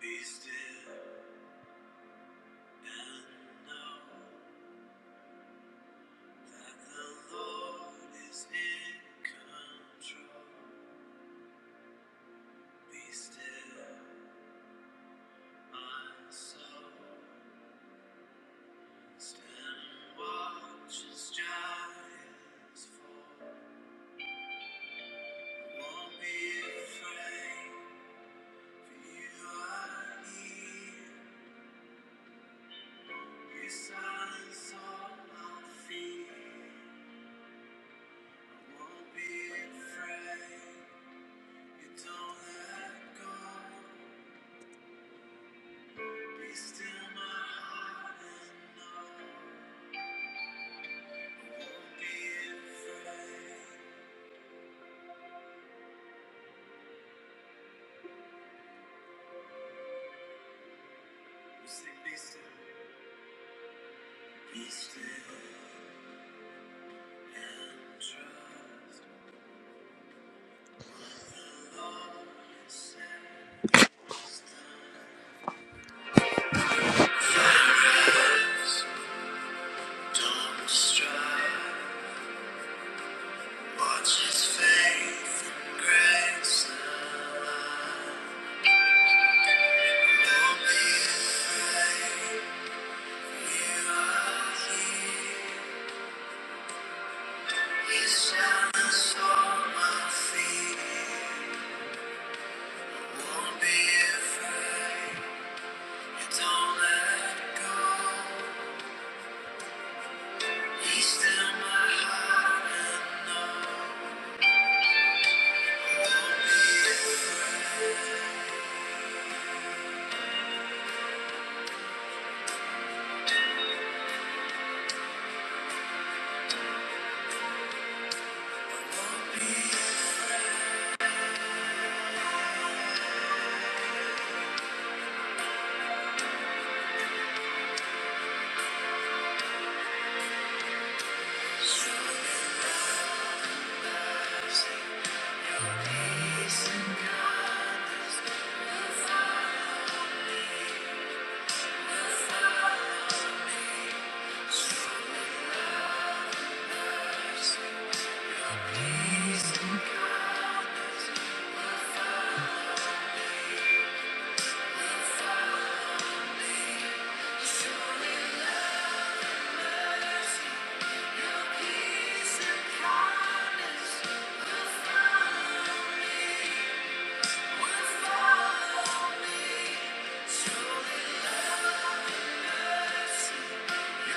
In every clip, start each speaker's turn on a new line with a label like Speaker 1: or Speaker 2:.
Speaker 1: Be still and know that the Lord is in control. Be still, my soul. Stand and watch as giants fall. Won't be afraid, for you are here. You silence all my fear. I won't be afraid. You don't let go. Be still my heart and know I won't be afraid. We sing be still. Be still and trust the Lord It says done. Rest, Don't strive. Watch His faith and grace align. Don't be afraid. You are here. He silenced all my fear. Won't be afraid. Don't let go. He's still my heart and know. Won't be afraid. Be strong in peace and God I follow. Strong in peace and kindness. Follow, follow me. Surely You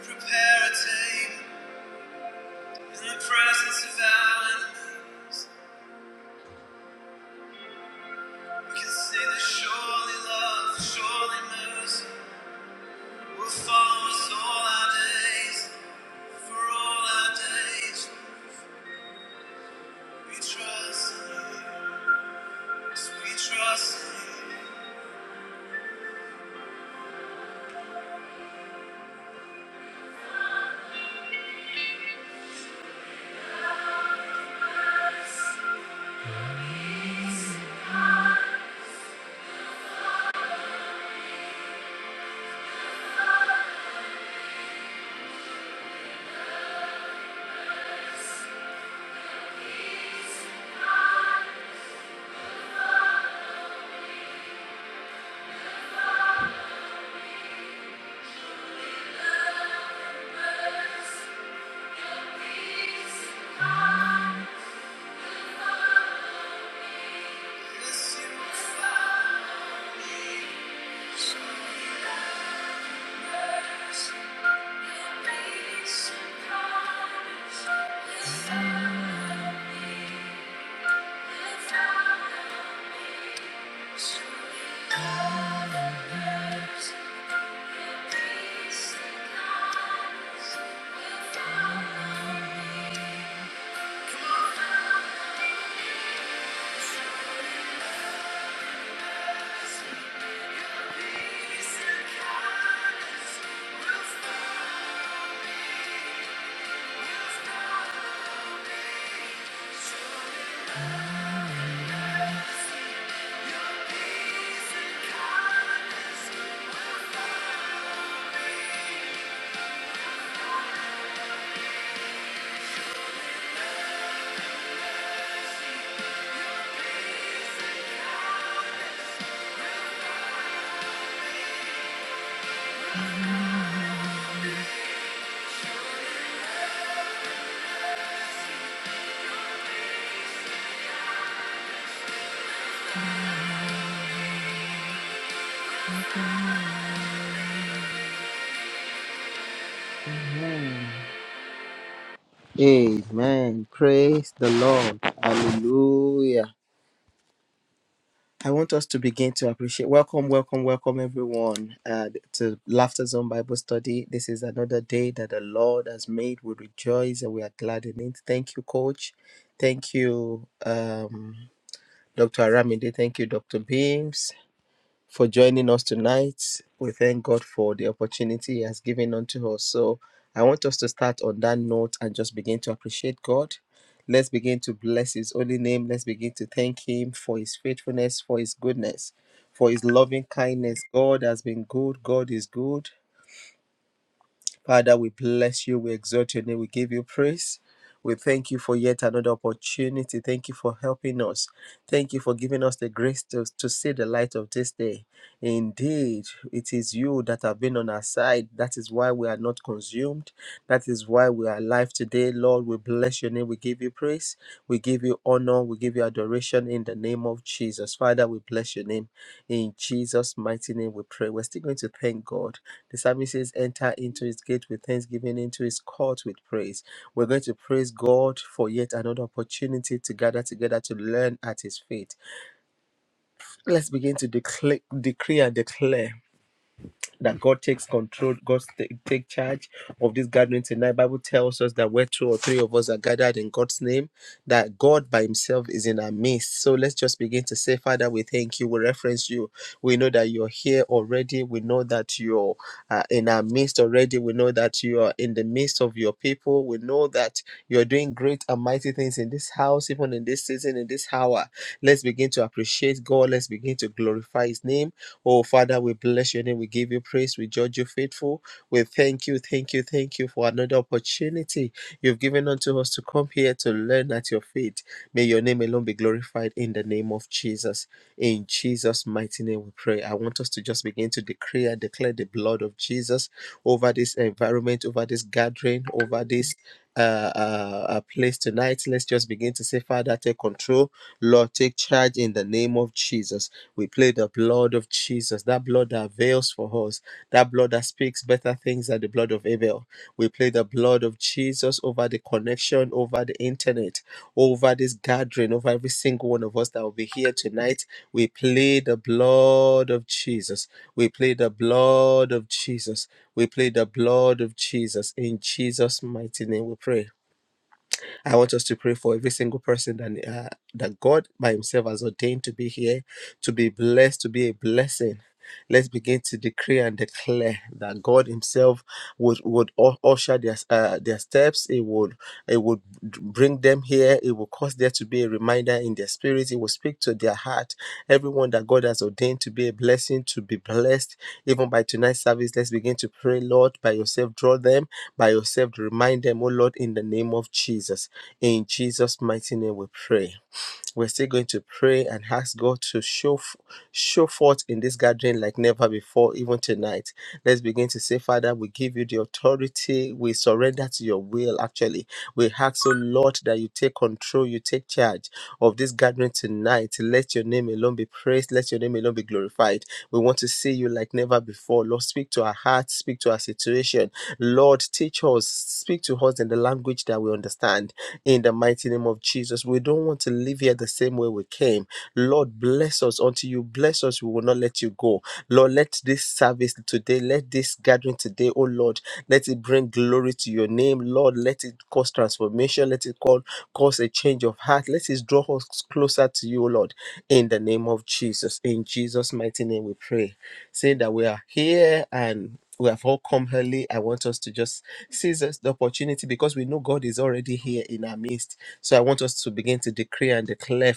Speaker 1: prepare a table in the presence of enemies. We can say that surely love, surely mercy will follow us all our days, for all our days. We trust in you. We trust you. Yes, you are me. Show me mercy. Grace and kindness. Follow me. Follow me. Show me love and mercy. Grace and kindness. Follow me. Amen. Amen. Praise the Lord. Hallelujah. I want us to begin to appreciate. Welcome, welcome, welcome, everyone, uh, to Laughter Zone Bible Study. This is another day that the Lord has made. We rejoice and we are glad in it. Thank you, Coach. Thank you, um, Dr. Aramide. Thank you, Dr. Beams for joining us tonight. We thank God for the opportunity He has given unto us. So I want us to start on that note and just begin to appreciate God. Let's begin to bless His holy name. Let's begin to thank Him for His faithfulness, for His goodness, for His loving kindness. God has been good. God is good. Father, we bless you. We exalt your name. We give you praise. We thank you for yet another opportunity. Thank you for helping us. Thank you for giving us the grace to, to see the light of this day. Indeed, it is you that have been on our side. That is why we are not consumed. That is why we are alive today. Lord, we bless your name. We give you praise. We give you honor. We give you adoration in the name of Jesus. Father, we bless your name. In Jesus' mighty name, we pray. We're still going to thank God. The psalmist says, Enter into his gate with thanksgiving, into his court with praise. We're going to praise God for yet another opportunity to gather together to learn at his feet. Let's begin to declare, decree and declare that God takes control, God take, take charge of this gathering tonight. Bible tells us that where two or three of us are gathered in God's name, that God by Himself is in our midst. So let's just begin to say, Father, we thank you. We reference you. We know that you're here already. We know that you're uh, in our midst already. We know that you are in the midst of your people. We know that you're doing great and mighty things in this house, even in this season, in this hour. Let's begin to appreciate God. Let's begin to glorify His name Oh, Father, we bless your name. We give you praise. We judge you faithful. We thank you, thank you, thank you for another opportunity you've given unto us to come here to learn at your feet. May your name alone be glorified in the name of Jesus. In Jesus' mighty name, we pray. I want us to just begin to decree and declare the blood of Jesus over this environment, over this gathering, over this. Uh, uh, uh, place tonight. Let's just begin to say, Father, take control. Lord, take charge in the name of Jesus. We play the blood of Jesus, that blood that avails for us, that blood blood that speaks better things than the blood of Abel. We play the blood of Jesus over the connection, over the internet, over this gathering, over every single one of us that will be here tonight. We play the blood of Jesus. We play the blood of Jesus. We play the blood of Jesus. In Jesus' mighty name we pray. I want us to pray for every single person that, uh, that God by Himself has ordained to be here, to be blessed, to be a blessing. Let's begin to decree and declare that God Himself would would usher their uh, their steps. He would He would bring them here. He it will cause there to be a reminder in their spirit. It will speak to their heart. Everyone that God has ordained to be a blessing, to be blessed, even by tonight's service, let's begin to pray, Lord, by yourself, draw them, by yourself, remind them, oh Lord, in the name of Jesus. In Jesus' mighty name we pray we're still going to pray and ask God to show f- show forth in this gathering like never before, even tonight. Let's begin to say, Father, we give you the authority. We surrender to your will. Actually, we ask, oh Lord, that you take control, you take charge of this gathering tonight. Let your name alone be praised. Let your name alone be glorified. We want to see you like never before. Lord, speak to our hearts, speak to our situation. Lord, teach us, speak to us in the language that we understand in the mighty name of Jesus. We don't want to live here the same way we came. Lord, bless us. Until you bless us, we will not let you go. Lord, let this service today, let this gathering today, oh Lord, let it bring glory to your name. Lord, let it cause transformation. Let it call, cause a change of heart. Let it draw us closer to you, oh Lord, in the name of Jesus. In Jesus' mighty name we pray saying that we are here and we have all come early. I want us to just seize this- the opportunity because we know God is already here in our midst. So I want us to begin to decree and declare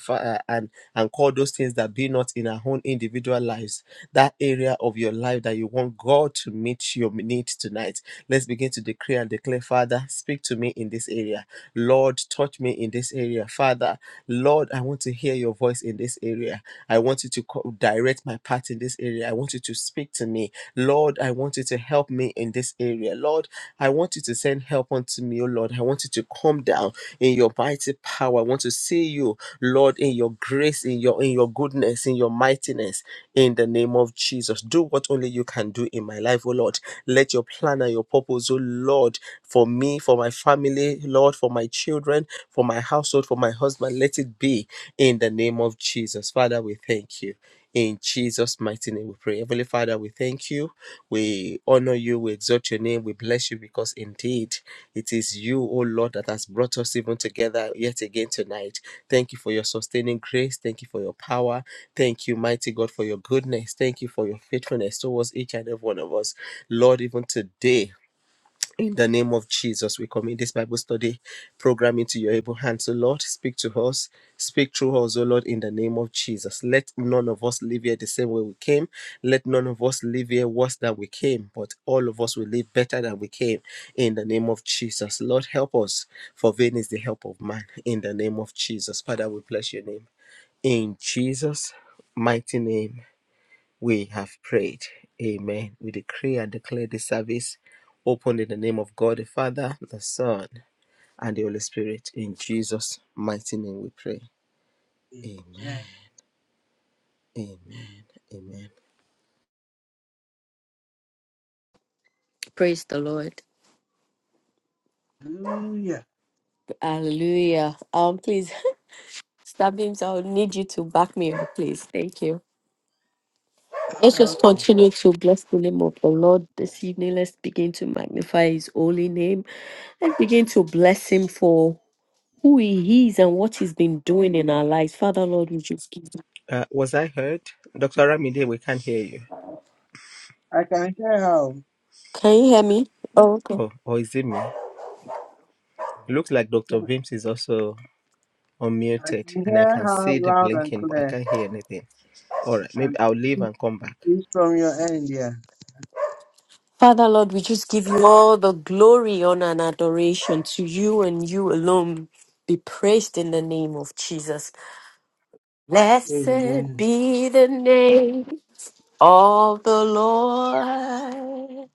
Speaker 1: uh, and and call those things that be not in our own individual lives. That area of your life that you want God to meet your needs tonight. Let's begin to decree and declare, Father, speak to me in this area. Lord, touch me in this area. Father, Lord, I want to hear your voice in this area. I want you to co- direct my path in this area. I want you to speak to me. Lord, I want you to help me in this this area. Lord, I want you to send help unto me, oh Lord. I want you to come down in your mighty power. I want to see you, Lord, in your grace, in your in your goodness, in your mightiness, in the name of Jesus. Do what only you can do in my life, oh Lord. Let your plan and your purpose, oh Lord, for me, for my family, Lord, for my children, for my household, for my husband, let it be in the name of Jesus. Father, we thank you. In Jesus' mighty name, we pray. Heavenly Father, we thank you. We honor you. We exalt your name. We bless you because indeed it is you, O Lord, that has brought us even together yet again tonight. Thank you for your sustaining grace. Thank you for your power. Thank you, mighty God, for your goodness. Thank you for your faithfulness towards each and every one of us. Lord, even today, in the name of Jesus, we commit this Bible study program into your able hands, O Lord. Speak to us, speak through us, O Lord, in the name of Jesus. Let none of us live here the same way we came. Let none of us live here worse than we came, but all of us will live better than we came. In the name of Jesus, Lord, help us, for vain is the help of man. In the name of Jesus, Father, we bless your name. In Jesus' mighty name. We have prayed. Amen. We decree and declare this service open in the name of God the Father, the Son, and the Holy Spirit. In Jesus' mighty name we pray. Amen. Amen. Amen.
Speaker 2: Praise the Lord.
Speaker 3: Hallelujah.
Speaker 2: Hallelujah. Um, please, Stabims, I'll need you to back me up, please. Thank you. Let's just
Speaker 3: Okay.
Speaker 2: continue to bless the name of the Lord this evening. Let's begin to magnify his holy name. Let's begin to bless him for who he is and what he's been doing in our lives. Father Lord, we just give you.
Speaker 1: Uh, was I heard? Dr. Ramide, we can't hear you.
Speaker 3: I can hear how
Speaker 2: Can you hear me? Oh, okay.
Speaker 1: Oh, or is it me? It looks like Dr. Vims is also
Speaker 3: I
Speaker 1: unmuted
Speaker 3: can
Speaker 1: and I
Speaker 3: hear
Speaker 1: can
Speaker 3: how
Speaker 1: see the
Speaker 3: loud and
Speaker 1: blinking, but I
Speaker 3: clear.
Speaker 1: can't hear anything. All right,
Speaker 3: And
Speaker 1: maybe I'll leave and come back.
Speaker 3: it's from your end, yeah.
Speaker 2: Father Lord, we just give you all the glory, honor, and adoration to you and you alone. Be praised in the name of Jesus. Blessed
Speaker 3: Amen.
Speaker 2: be the name of the Lord.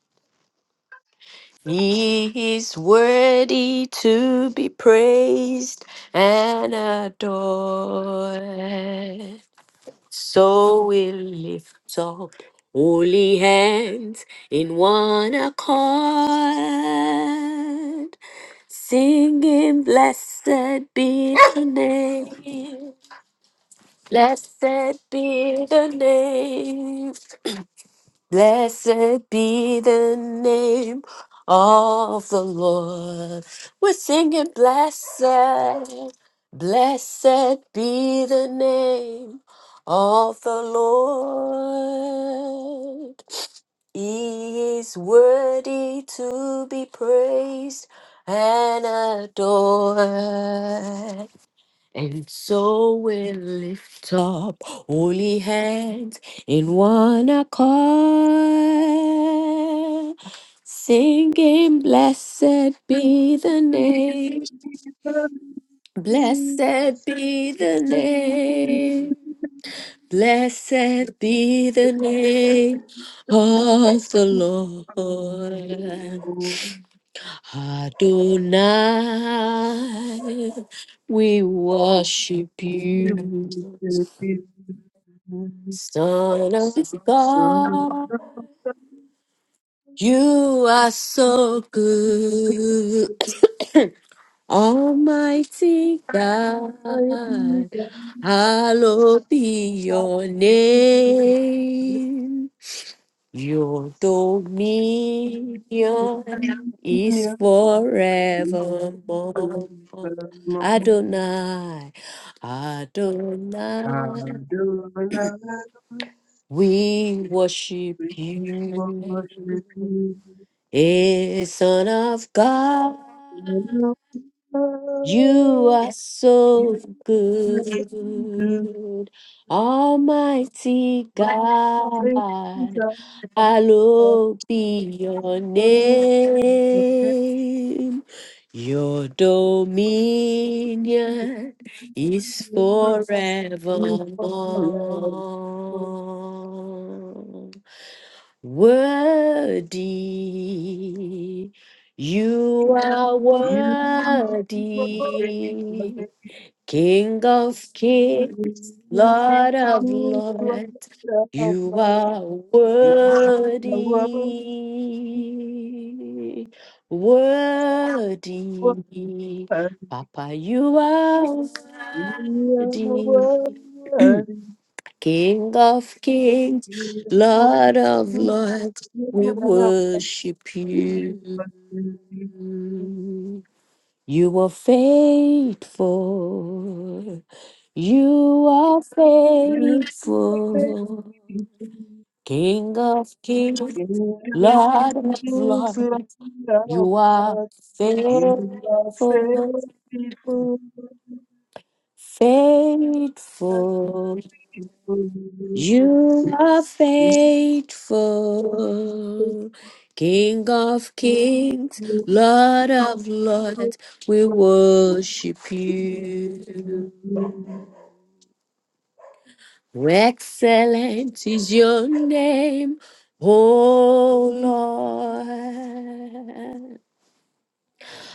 Speaker 2: He is worthy to be praised and adored. So we lift up holy hands in one accord, singing, Blessed be the name. Blessed be the name Blessed be the name of the Lord. We're singing, Blessed, blessed be the name of the Lord. He is worthy to be praised and adored. And so we lift up holy hands in one accord, singing, Blessed be the name, blessed be the name, blessed be the name of the Lord. Adonai, we worship you. Son of
Speaker 3: Some
Speaker 2: God, you are so good. Almighty
Speaker 3: Thank you.
Speaker 2: God, hallowed be your name. Your dominion is forevermore. Adonai, Adonai, we worship you. Hey, Son of God, you are so good. Almighty God, hallowed be your name. Your dominion is forevermore. Worthy, you are
Speaker 3: Thank you.
Speaker 2: worthy, King of kings, Lord of lords, you are worthy, worthy, Papa, you are worthy, King of kings, Lord of lords, we worship you. You are faithful. You are faithful. King of kings,
Speaker 3: King of
Speaker 2: Lord
Speaker 3: kings, Lord
Speaker 2: of
Speaker 3: of
Speaker 2: lords, you are
Speaker 3: lords, you are
Speaker 2: faithful.
Speaker 3: faithful. Reasonable.
Speaker 2: Faithful. You are faithful, King of kings, Lord of lords, we worship you. Excellent is your name, O Lord.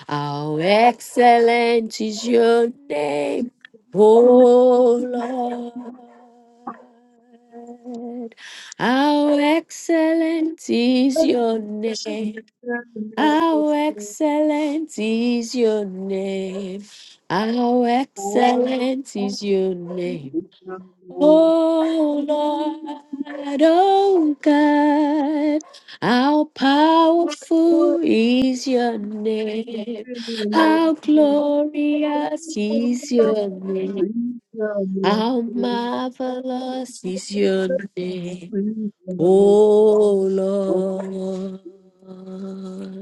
Speaker 2: How excellent is your name, O Lord. How excellent is your name. How excellent is your name. How excellent is your name. Oh Lord, oh God, how powerful is your name, how glorious is your name, how marvelous is your name, oh Lord.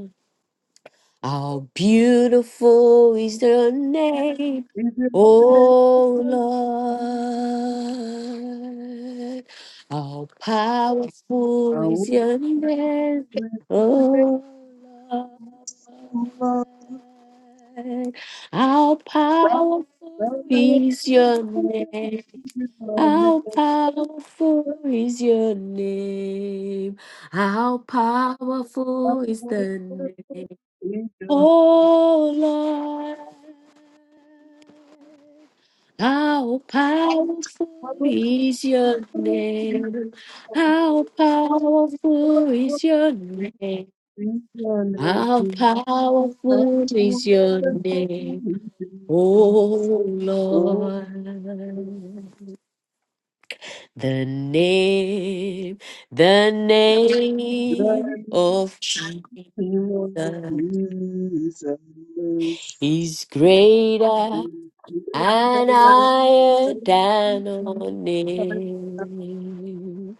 Speaker 2: How beautiful is the name,
Speaker 3: Is
Speaker 2: O
Speaker 3: it
Speaker 2: Lord. How
Speaker 3: I I I I I will will will with
Speaker 2: powerful is your name,
Speaker 3: my faith
Speaker 2: O Lord. How powerful is your name. How powerful is your name. How powerful is the name.
Speaker 3: to love.
Speaker 2: Oh Lord, how powerful
Speaker 3: I will
Speaker 2: is
Speaker 3: with my
Speaker 2: your
Speaker 3: faith
Speaker 2: name? How powerful is your name?
Speaker 3: I
Speaker 2: How powerful is your
Speaker 3: will
Speaker 2: name?
Speaker 3: with my faith
Speaker 2: Oh
Speaker 3: Oh,
Speaker 2: Lord, the name, the name
Speaker 3: God,
Speaker 2: of Jesus
Speaker 3: you are Jesus.
Speaker 2: is greater
Speaker 3: You
Speaker 2: And I am
Speaker 3: are
Speaker 2: down on
Speaker 3: Thank
Speaker 2: it.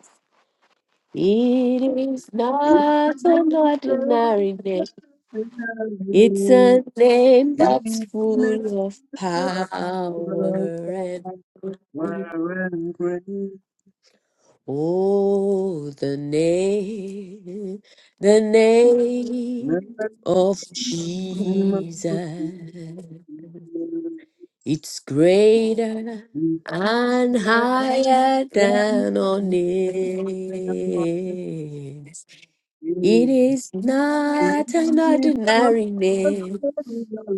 Speaker 2: It is not an ordinary name. It's a name that's full of power and faith. oh, the name, the name of Jesus. It's greater and higher than all names. It
Speaker 3: you.
Speaker 2: is not an ordinary name.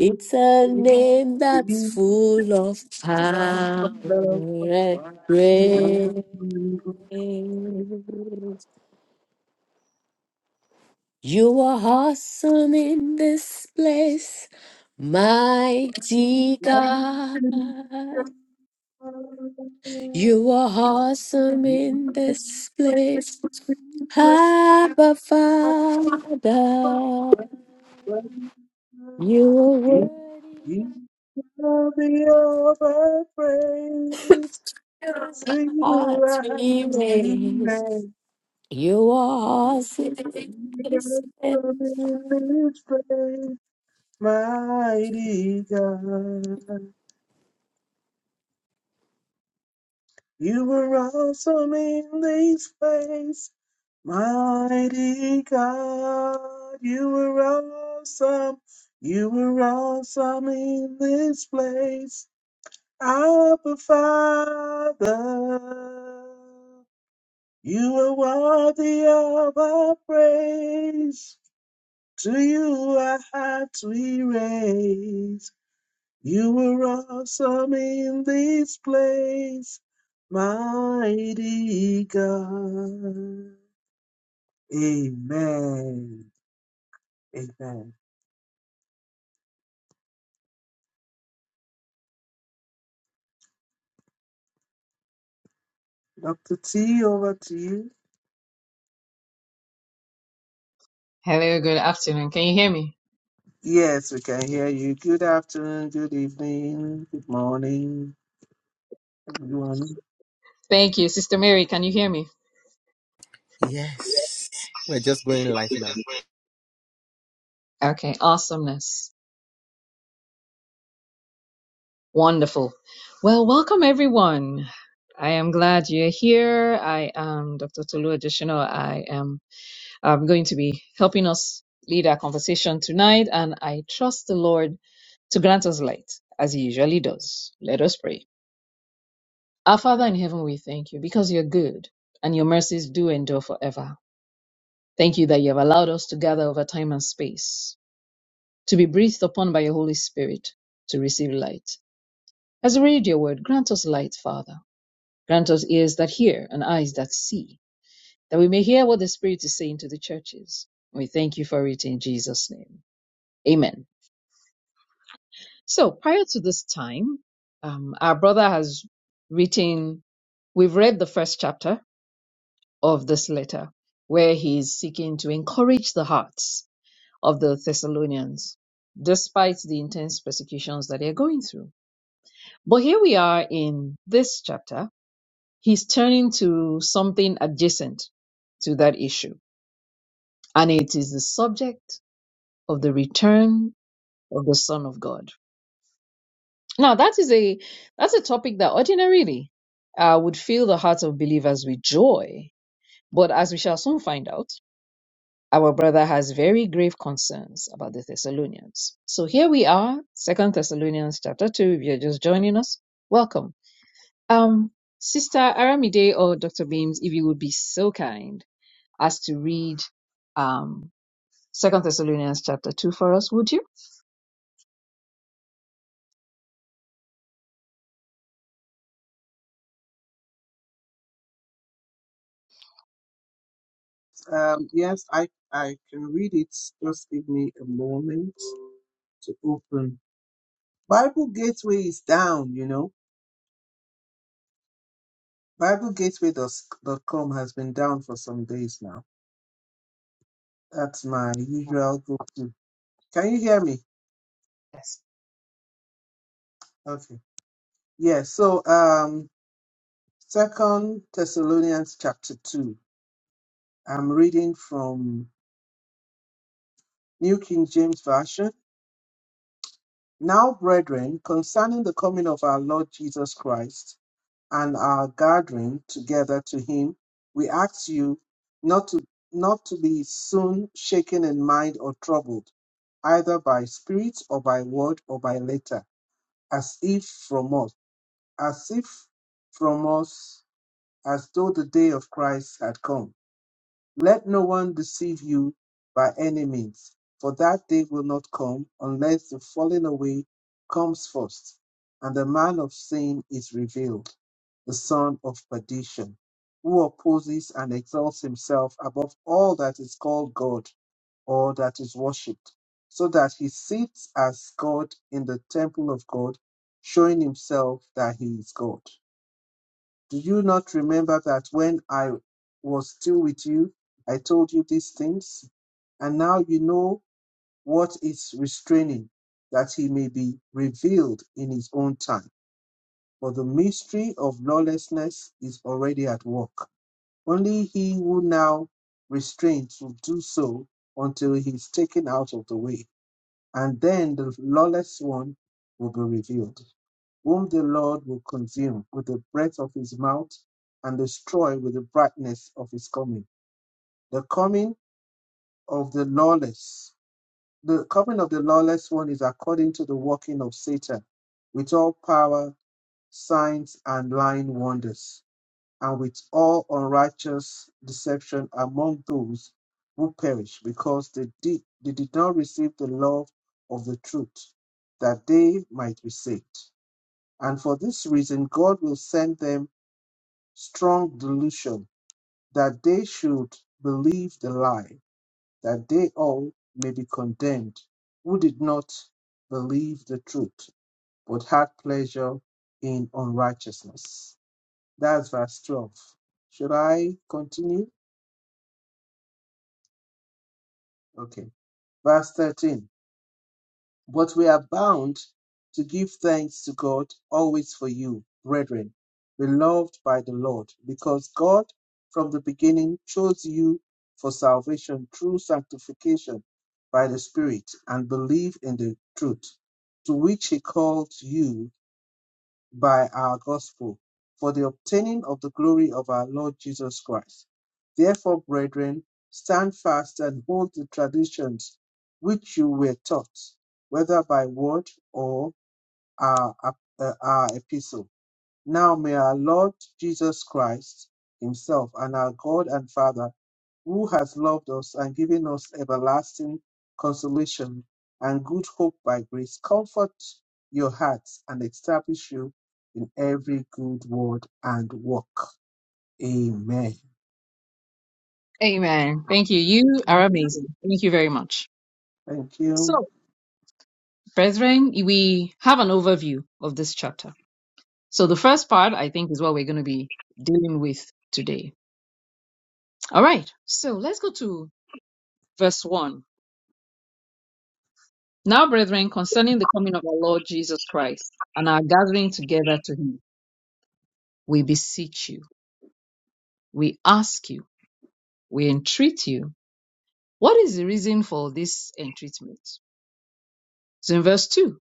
Speaker 2: It's a name that's full of power and grace.
Speaker 3: Mighty
Speaker 2: You are awesome in this place, mighty God. You are awesome in this place, Abba Father. You are worthy of our hearts we raise. You are awesome in this place.
Speaker 3: God. You were awesome in this place, mighty God. You were awesome. You were awesome in this place, Abba Father. You are worthy of our praise. To you our hearts we raise. You were awesome in this place, mighty God. Amen. Amen. Dr. T, over to you.
Speaker 4: Hello, good afternoon. Can you hear me?
Speaker 3: Yes, we can hear you. Good afternoon, good evening, good morning, everyone.
Speaker 4: Thank you. Sister Mary, can you hear me?
Speaker 1: Yes. We're just going live now.
Speaker 4: Okay, awesomeness. Wonderful. Well, welcome everyone. I am glad you're here. I am Dr. Tolu Additional. I am um, going to be helping us lead our conversation tonight, and I trust the Lord to grant us light, as He usually does. Let us pray. Our Father in heaven, we thank you because you're good and your mercies do endure forever. Thank you that you have allowed us to gather over time and space. to be breathed upon by your Holy Spirit to receive light. As we read your word, grant us light, Father. Grant us ears that hear and eyes that see, that we may hear what the Spirit is saying to the churches. We thank you for it in Jesus' name. Amen. So prior to this time, um, our brother has written, we've read the first chapter of this letter where he is seeking to encourage the hearts of the Thessalonians despite the intense persecutions that they're going through. But here we are in this chapter. He's turning to something adjacent to that issue, and it is the subject of the return of the Son of God. Now, that is a that's a topic that ordinarily uh, would fill the hearts of believers with joy, but as we shall soon find out, our brother has very grave concerns about the Thessalonians. So here we are, Second Thessalonians chapter two. If you're just joining us, welcome. Um, Sister Aramide or Dr. Beams, if you would be so kind as to read um Second Thessalonians chapter two for us, would you?
Speaker 3: Um, yes, I, I can read it. Just give me a moment to open. Bible Gateway is down, you know. Bible Gateway dot com has been down for some days now. That's my usual go-to. Can you hear me?
Speaker 4: Yes.
Speaker 3: Okay. Yeah, so um Second Thessalonians chapter two. I'm reading from New King James Version. Now, brethren, concerning the coming of our Lord Jesus Christ and our gathering together to him, we ask you not to not to be soon shaken in mind or troubled, either by spirit or by word or by letter, as if from us as if from us, as though the day of Christ had come. Let no one deceive you by any means, for that day will not come unless the falling away comes first, and the man of sin is revealed, the son of perdition, who opposes and exalts himself above all that is called God or that is worshipped, so that he sits as God in the temple of God, showing himself that he is God. Do you not remember that when I was still with you, I told you these things? And now you know what is restraining, that he may be revealed in his own time. For the mystery of lawlessness is already at work. Only he who now restrains will do so until he is taken out of the way. And then the lawless one will be revealed whom the Lord will consume with the breath of his mouth and destroy with the brightness of his coming. The coming of the lawless, the coming of the lawless one is according to the working of Satan, with all power, signs, and lying wonders, and with all unrighteous deception among those who perish, because they did, they did not receive the love of the truth, that they might be saved. And for this reason, God will send them strong delusion that they should believe the lie, that they all may be condemned who did not believe the truth, but had pleasure in unrighteousness. That's verse 12. Should I continue? Okay. Verse 13. But we are bound to give thanks to God always for you, brethren, beloved by the Lord, because God from the beginning chose you for salvation through sanctification by the Spirit and believe in the truth, to which He called you by our gospel for the obtaining of the glory of our Lord Jesus Christ. Therefore, brethren, stand fast and hold the traditions which you were taught, whether by word or our, uh, our epistle. Now may our Lord Jesus Christ himself and our God and Father who has loved us and given us everlasting consolation and good hope by grace, comfort your hearts and establish you in every good word and work. Amen.
Speaker 4: Amen. Thank you. You are amazing. Thank you very much.
Speaker 3: Thank you.
Speaker 4: So, brethren, we have an overview of this chapter. So the first part, I think, is what we're going to be dealing with today. All right. So let's go to verse one. Now, brethren, concerning the coming of our Lord Jesus Christ and our gathering together to him, we beseech you we ask you, we entreat you. What is the reason for this entreatment? So in verse 2,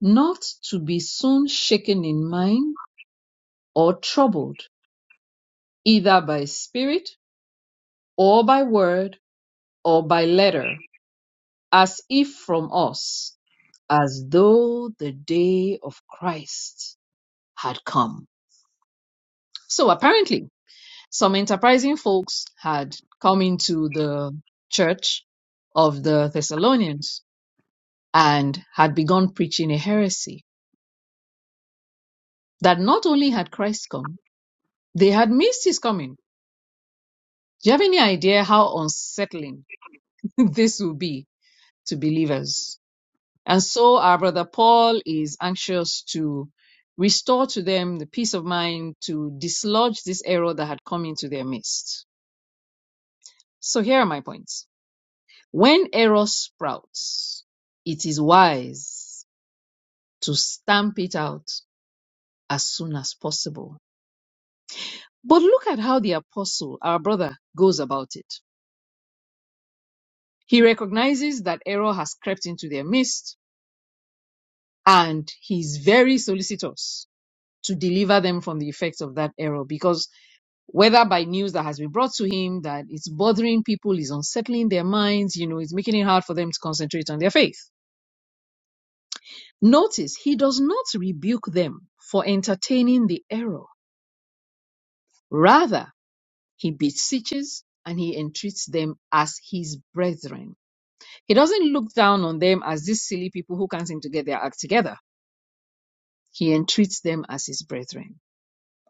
Speaker 4: not to be soon shaken in mind or troubled, either by spirit or by word or by letter, as if from us, as though the day of Christ had come. So apparently, some enterprising folks had come into the church of the Thessalonians and had begun preaching a heresy that not only had Christ come, they had missed his coming. Do you have any idea how unsettling this will be to believers? And so our brother Paul is anxious to restore to them the peace of mind to dislodge this error that had come into their midst. So here are my points. When error sprouts, it is wise to stamp it out as soon as possible But look at how the apostle, our brother, goes about it. He recognizes that error has crept into their midst and he's very solicitous to deliver them from the effects of that error because whether by news that has been brought to him that it's bothering people, is unsettling their minds, you know, it's making it hard for them to concentrate on their faith. Notice he does not rebuke them for entertaining the error. Rather, he beseeches and he entreats them as his brethren He doesn't look down on them as these silly people who can't seem to get their act together. He entreats them as his brethren.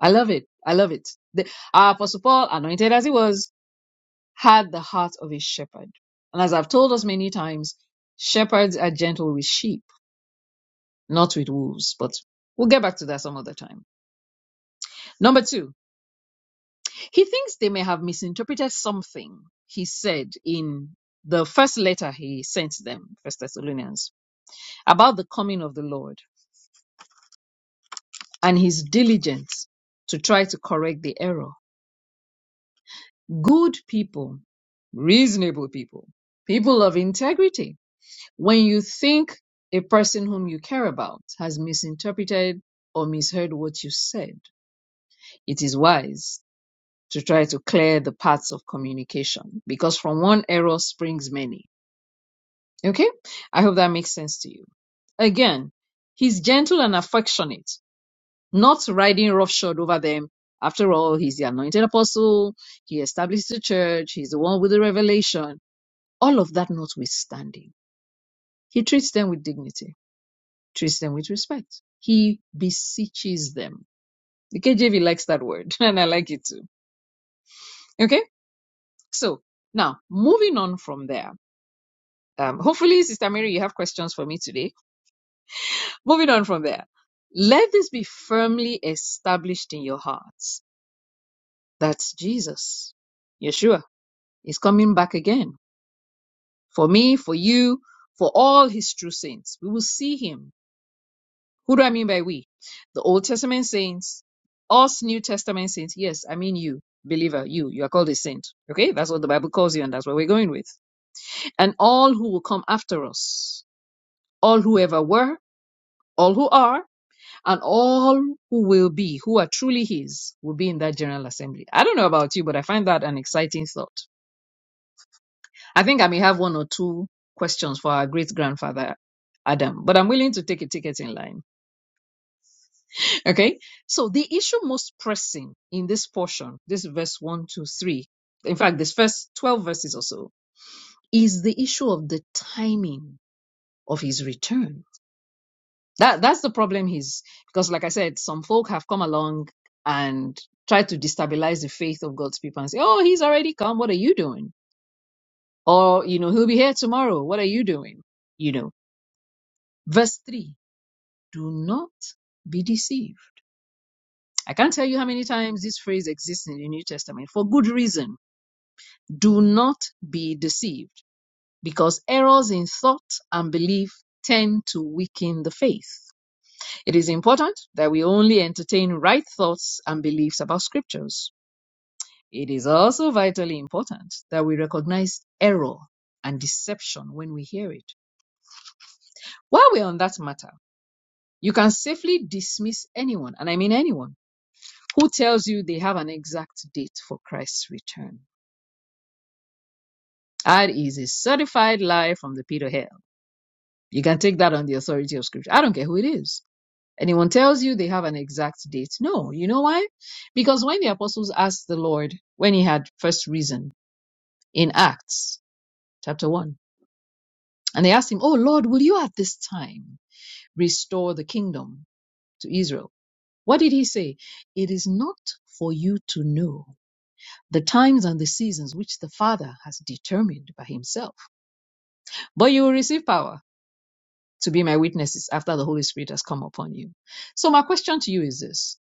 Speaker 4: I love it. I love it. The, our Apostle Paul, anointed as he was, had the heart of a shepherd. And as I've told us many times, shepherds are gentle with sheep, not with wolves. But we'll get back to that some other time. Number two, he thinks they may have misinterpreted something he said in the first letter he sent them, First Thessalonians, about the coming of the Lord. and his diligence to try to correct the error. Good people, reasonable people, people of integrity. When you think a person whom you care about has misinterpreted or misheard what you said, it is wise to try to clear the paths of communication because from one error springs many. Okay? I hope that makes sense to you. Again, he's gentle and affectionate. not riding roughshod over them. After all, he's the anointed apostle, he established the church, he's the one with the revelation. All of that notwithstanding, he treats them with dignity, treats them with respect. He beseeches them. The KJV likes that word, and I like it too. Okay? So, now, moving on from there. Um, hopefully, Sister Mary, you have questions for me today. Moving on from there. Let this be firmly established in your hearts. That's Jesus, Yeshua. He's coming back again for me, for you, for all his true saints. We will see him. Who do I mean by we? The Old Testament saints, us New Testament saints. Yes, I mean you, believer, you. You are called a saint. Okay? That's what the Bible calls you, and that's what we're going with. And all who will come after us, all who ever were, all who are, and all who will be, who are truly his, will be in that general assembly. I don't know about you, but I find that an exciting thought I think I may have one or two questions for our great grandfather Adam, but I'm willing to take a ticket in line. Okay. So the issue most pressing in this portion, this verse one to three, in fact, this first 12 verses or so, is the issue of the timing of his return. That that's the problem he's because like I said, some folk have come along and tried to destabilize the faith of God's people and say, Oh, he's already come, what are you doing? Or, you know, he'll be here tomorrow, what are you doing? You know. Verse 3 Do not be deceived. I can't tell you how many times this phrase exists in the New Testament for good reason. Do not be deceived because errors in thought and belief tend to weaken the faith. It is important that we only entertain right thoughts and beliefs about scriptures. It is also vitally important that we recognize error and deception when we hear it. While we're on that matter, you can safely dismiss anyone, and I mean anyone Who tells you they have an exact date for Christ's return? That is a certified lie from the pit of hell. You can take that on the authority of scripture. I don't care who it is. Anyone tells you they have an exact date. No, you know why? Because when the apostles asked the Lord, when he had first risen in Acts chapter 1, and they asked him, Oh Lord, will you at this time restore the kingdom to Israel? What did he say? It is not for you to know the times and the seasons which the Father has determined by himself. But you will receive power to be my witnesses after the Holy Spirit has come upon you. So, my question to you is this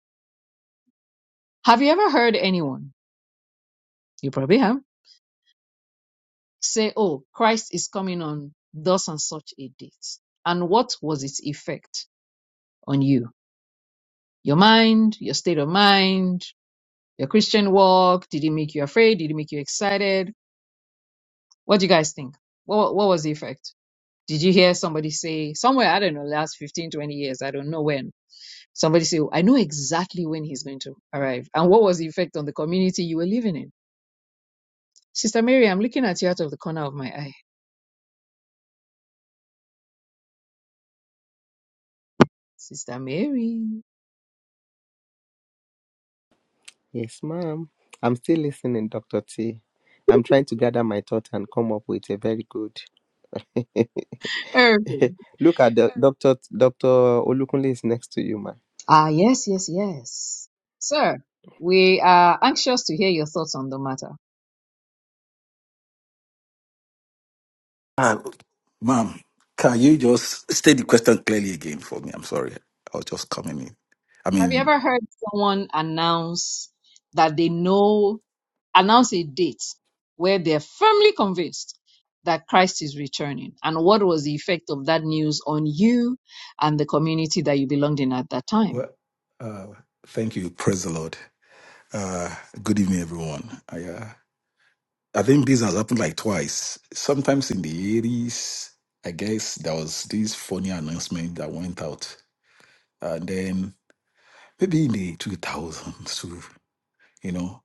Speaker 4: Have you ever heard anyone, you probably have, say, Oh, Christ is coming on thus and such a date? And what was its effect on you? Your mind, your state of mind, your Christian walk? Did it make you afraid? Did it make you excited? What do you guys think? What, what was the effect? Did you hear somebody say somewhere, I don't know, last 15, 20 years, I don't know when, somebody say, I know exactly when he's going to arrive. And what was the effect on the community you were living in? Sister Mary, I'm looking at you out of the corner of my eye. Sister Mary.
Speaker 1: Yes, ma'am. I'm still listening, Dr. T. I'm trying to gather my thoughts and come up with a very good.
Speaker 4: Okay.
Speaker 1: Look at the Dr. Dr. Olukunle is next to you, ma.
Speaker 4: Ah, yes, yes, yes. Sir, we are anxious to hear your thoughts on the matter.
Speaker 5: Ah, ma'am, can you just state the question clearly again for me? I'm sorry. I was just coming in. I
Speaker 4: Have you
Speaker 5: mean,
Speaker 4: ever heard someone announce that they know? announce a date where they're firmly convinced that Christ is returning. And what was the effect of that news on you and the community that you belonged in at that time?
Speaker 5: well, uh, thank you. Praise the Lord. Uh, good evening, everyone. I, uh, I think this has happened like twice. Sometimes in the 80s, I guess there was this funny announcement that went out. And then maybe in the 2000s too. you know.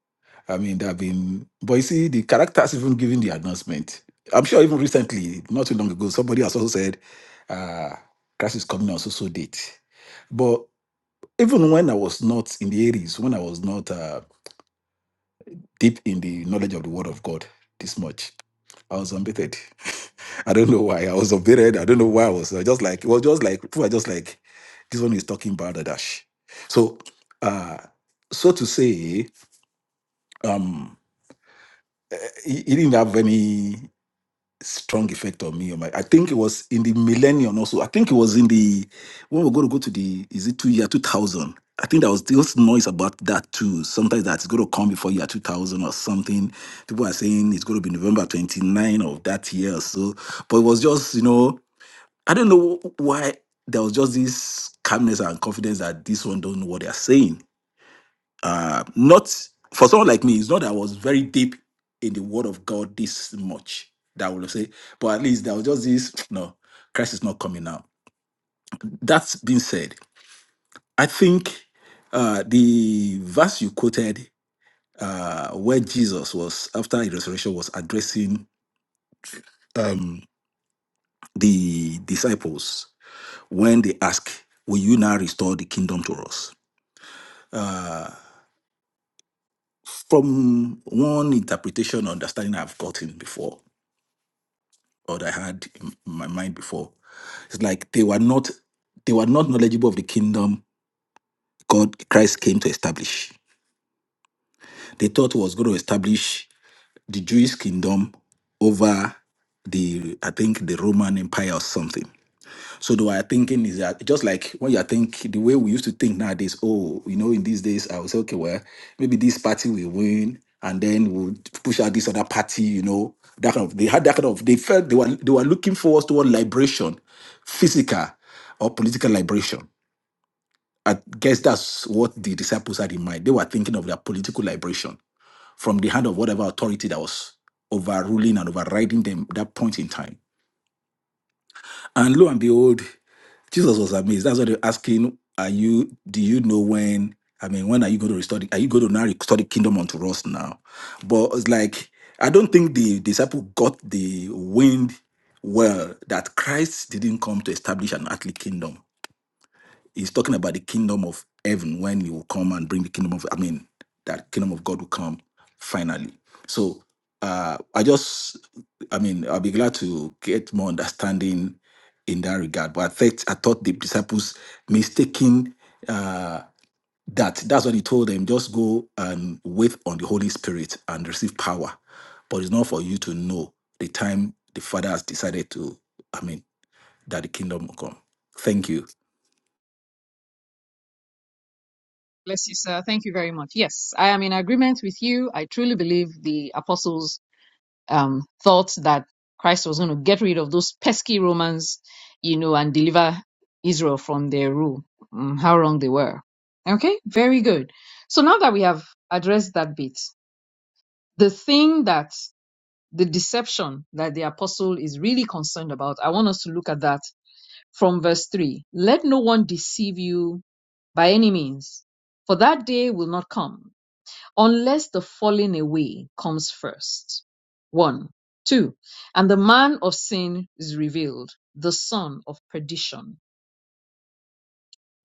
Speaker 5: I mean, there have been, but you see, the characters even giving the announcement. I'm sure even recently, not too long ago, somebody has also said, uh, Christ is coming on so so date. But even when I was not in the areas, when I was not uh, deep in the knowledge of the Word of God this much, I was unbaited. I don't know why I was unbaited. I don't know why I was uh, just like, it was just like, people are just like, this one is talking about the dash. So, uh, so to say, um, He, he didn't have any strong effect on me. on my- I think it was in the millennium also. I think it was in the when we're going to go to the is it two year two thousand. I think there was this noise about that too. Sometimes that's going to come before year 2000 or something. People are saying it's going to be November 29 of that year or so. But it was just, you know, I don't know why there was just this calmness and confidence that this one don't know what they are saying uh, not for someone like me, it's not that I was very deep in the Word of God this much that I would say, but at least there was just this no, Christ is not coming now. That's being said, I think uh, the verse you quoted, uh, where Jesus was after his resurrection was addressing um, the disciples when they ask, "Will you now restore the kingdom to us?" Uh, from one interpretation or understanding I've gotten before, or that I had in my mind before. It's like they were not they were not knowledgeable of the kingdom God Christ came to establish. They thought he was going to establish the Jewish kingdom over the I think the Roman Empire or something. So the way I thinking is that just like when you think the way we used to think nowadays, oh, you know, in these days, I was okay, well, maybe this party will win, and then we'll push out this other party, you know, that kind of they had that kind of they felt they were they were looking forward toward liberation, physical or political liberation. I guess that's what the disciples had in mind. They were thinking of their political liberation from the hand of whatever authority that was overruling and overriding them at that point in time. And lo and behold, Jesus was amazed. That's what they're asking. Are you? Do you know when? I mean, when are you going to restore? The, are you going to now restore the kingdom unto us now? But it's like I don't think the disciple got the wind well that Christ didn't come to establish an earthly kingdom. He's talking about the kingdom of heaven when he will come and bring the kingdom of, I mean, that kingdom of God will come finally. So uh, I just, I mean, I'll be glad to get more understanding in that regard. But I thought, I thought the disciples mistaking uh, that. That's what he told them. Just go and wait on the Holy Spirit and receive power. But it's not for you to know the time the Father has decided to, I mean, that the kingdom will come. Thank you.
Speaker 4: Bless you, sir. Thank you very much. Yes, I am in agreement with you. I truly believe the apostles um, thought that Christ was going to get rid of those pesky Romans, you know, and deliver Israel from their rule. Mm, how wrong they were. Okay, very good. So now that we have addressed that bit, the thing that the deception that the apostle is really concerned about. I want us to look at that from verse 3. Let no one deceive you by any means, for that day will not come unless the falling away comes first. One. Two. And the man of sin is revealed, the son of perdition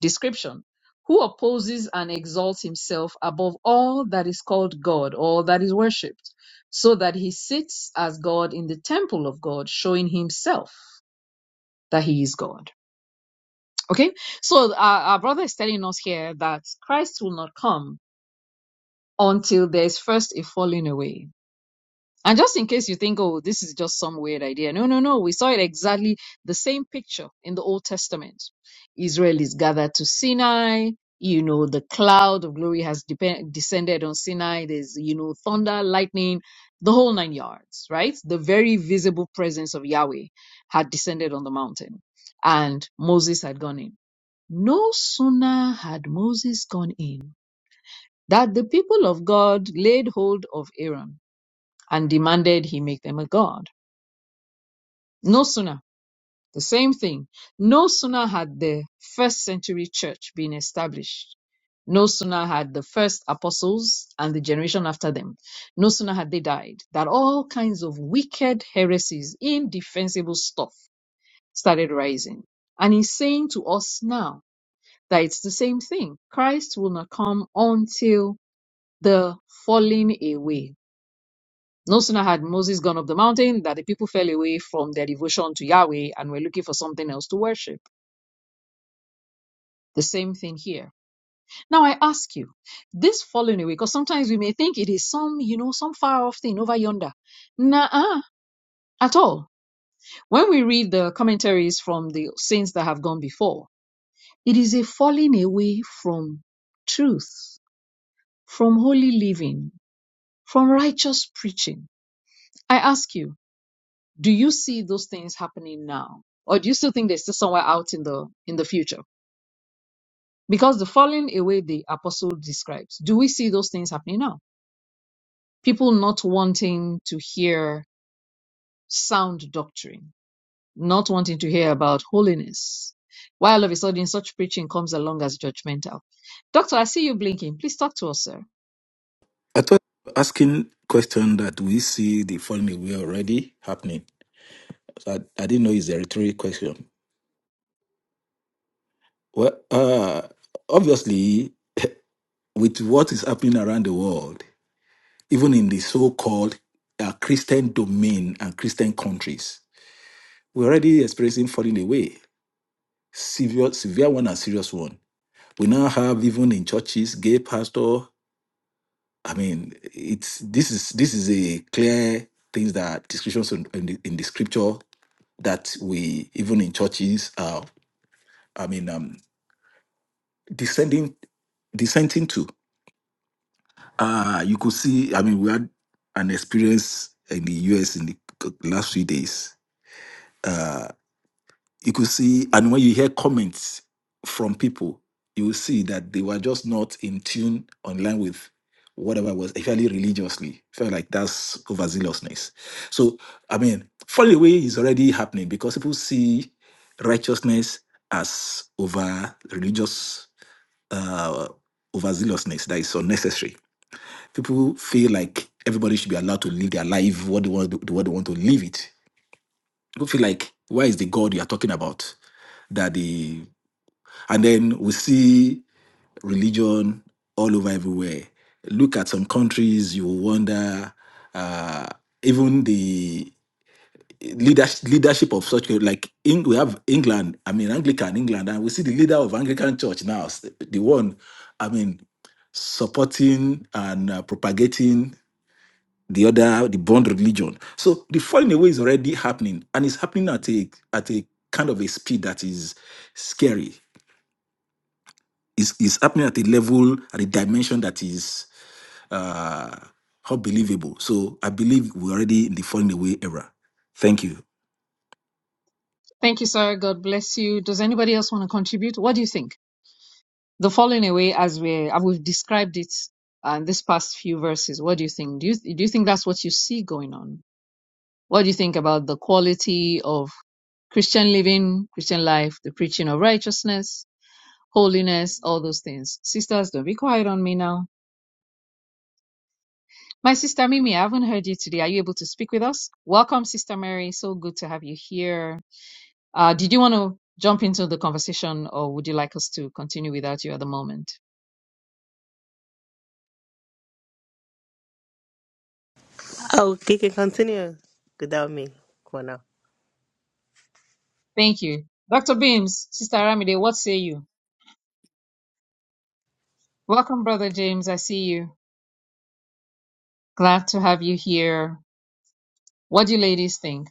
Speaker 4: description who opposes and exalts himself above all that is called God or that is worshipped, so that he sits as God in the temple of God, showing himself that he is God. Okay, so our, our brother is telling us here that Christ will not come until there is first a falling away And just in case you think, oh, this is just some weird idea. No, no, no. We saw it exactly the same picture in the Old Testament. Israel is gathered to Sinai. You know, the cloud of glory has depend- descended on Sinai. There's, you know, thunder, lightning, the whole nine yards, right? The very visible presence of Yahweh had descended on the mountain and Moses had gone in. No sooner had Moses gone in that the people of God laid hold of Aaron and demanded he make them a god. No sooner, the same thing, no sooner had the first century church been established, no sooner had the first apostles and the generation after them, no sooner had they died, that all kinds of wicked heresies, indefensible stuff started rising. And he's saying to us now that it's the same thing. Christ will not come until the falling away No sooner had Moses gone up the mountain that the people fell away from their devotion to Yahweh and were looking for something else to worship. The same thing here. Now I ask you, this falling away, because sometimes we may think it is some, you know, some far off thing over yonder. Nah, at all. When we read the commentaries from the saints that have gone before, it is a falling away from truth, from holy living, from righteous preaching. I ask you, Do you see those things happening now? Or do you still think they're still somewhere out in the in the future? Because the falling away the apostle describes, do we see those things happening now? People not wanting to hear sound doctrine, not wanting to hear about holiness. Why all of a sudden such preaching comes along as judgmental? Doctor, I see you blinking. Please talk to us, sir.
Speaker 5: I thought you were asking question that we see the falling away already happening. So I, I didn't know it's a rhetorical question. Well, uh, obviously, with what is happening around the world, even in the so-called uh, Christian domain and Christian countries, we're already experiencing falling away, severe, severe one and serious one. We now have even in churches, gay pastor. I mean, it's this is this is a clear things that descriptions in, in the, in the scripture that we even in churches uh i mean um descending dissenting to uh you could see i mean we had an experience in the us in the c- last few days Uh, you could see, and when you hear comments from people, you will see that they were just not in tune online with whatever was, fairly religiously. Felt like that's overzealousness. So, I mean, falling away is already happening because people see righteousness as over religious, uh, overzealousness that is unnecessary. People feel like everybody should be allowed to live their life what they want, what they want to live it People feel like, why is the God you are talking about? That the and then we see religion all over everywhere. Look at some countries, you will wonder. Uh, even the leadership leadership of such like Eng- we have England. I mean Anglican England, and we see the leader of Anglican Church now, s- the one. I mean supporting and uh, propagating the other the bond religion so the falling away is already happening and it's happening at a at a kind of a speed that is scary it's, it's happening at a level at a dimension that is uh unbelievable so i believe we're already in the falling away era thank you
Speaker 4: Thank you, sir. God bless you. Does anybody else want to contribute? What do you think? the falling away as we uh, we've described it uh, in this past few verses what do you think do you do you think that's what you see going on what do you think about the quality of christian living christian life the preaching of righteousness holiness all those things sisters don't be quiet on me now my sister mimi i haven't heard you today are you able to speak with us welcome sister mary so good to have you here uh, did you want to jump into the conversation or would you like us to continue without you at the moment
Speaker 6: Oh, you can continue without me for now.
Speaker 4: Thank you. Dr. Beams, Sister Aramide, what say you? Welcome, Brother James. I see you. Glad to have you here. What do you ladies think?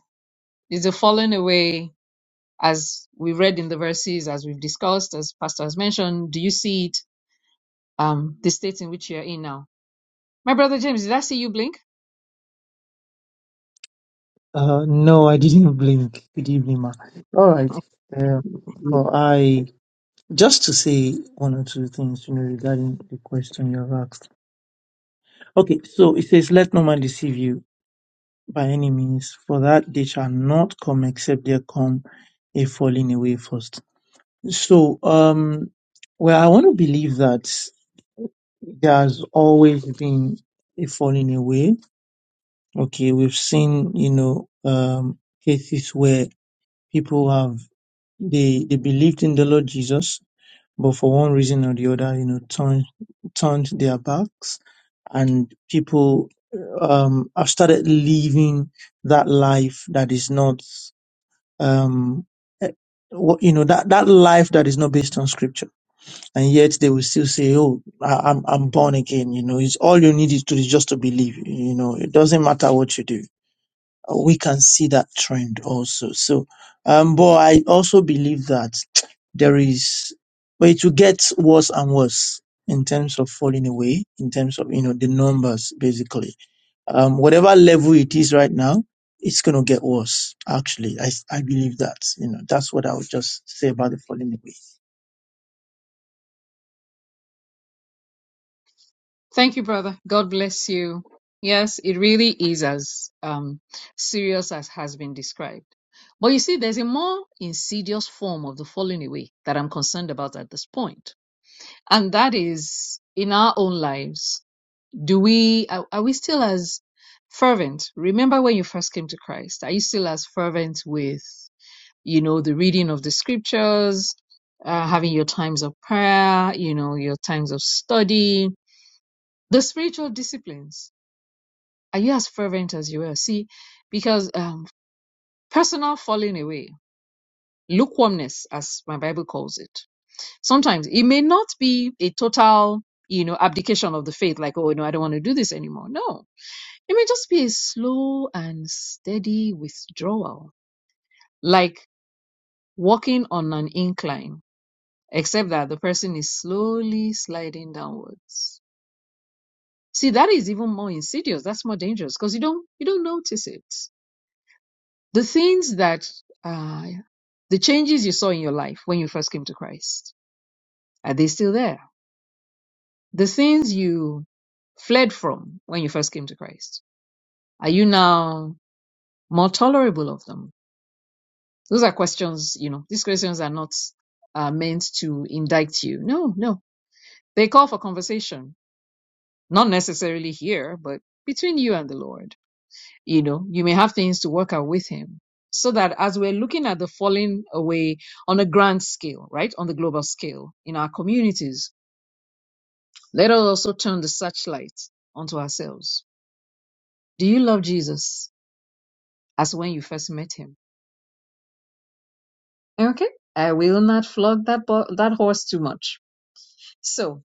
Speaker 4: Is the falling away, as we read in the verses, as we've discussed, as Pastor has mentioned, do you see it, um, the state in which you're in now? My brother James, did I see you blink?
Speaker 7: Uh, no, I didn't blink. Good evening, ma. All right. Um, but I just to say one or two things, you know, regarding the question you have asked. Okay, so it says, "Let no man deceive you by any means, for that they shall not come except there come a falling away first." So, um, well, I want to believe that there has always been a falling away. Okay, we've seen, you know, um, cases where people have They they believed in the Lord Jesus, but for one reason or the other, you know, turned turned their backs, and people um, have started living that life that is not um, eh, what you know that that life that is not based on Scripture, and yet they will still say, "Oh, I, I'm I'm born again." You know, it's all you need is to is just to believe. You know, it doesn't matter what you do we can see that trend also. So, um, but I also believe that there is, but it will get worse and worse in terms of falling away, in terms of, you know, the numbers basically. Um, whatever level it is right now, it's going to get worse. Actually, I, I believe that, you know, that's what I would just say about the falling away.
Speaker 4: Thank you, brother. God bless you. Yes, it really is as um, serious as has been described. But you see, there's a more insidious form of the falling away that I'm concerned about at this point. And that is in our own lives. Do we, are, are we still as fervent? Remember when you first came to Christ? Are you still as fervent with, you know, the reading of the scriptures, uh, having your times of prayer, you know, your times of study, the spiritual disciplines? Are you as fervent as you were? See, because um, personal falling away, lukewarmness, as my Bible calls it, sometimes it may not be a total, you know, abdication of the faith, like, oh, no, I don't want to do this anymore. No, it may just be a slow and steady withdrawal, like walking on an incline, except that the person is slowly sliding downwards. See, that is even more insidious. That's more dangerous because you don't you don't notice it. The things that uh, the changes you saw in your life when you first came to Christ, are they still there? The things you fled from when you first came to Christ, are you now more tolerable of them? Those are questions, you know, these questions are not uh, meant to indict you. No, no. They call for conversation, not necessarily here, but between you and the Lord. you know you may have things to work out with him so that as we're looking at the falling away on a grand scale right on the global scale in our communities let us also turn the searchlight onto ourselves do you love jesus as when you first met him okay i will not flog that bo- that horse too much so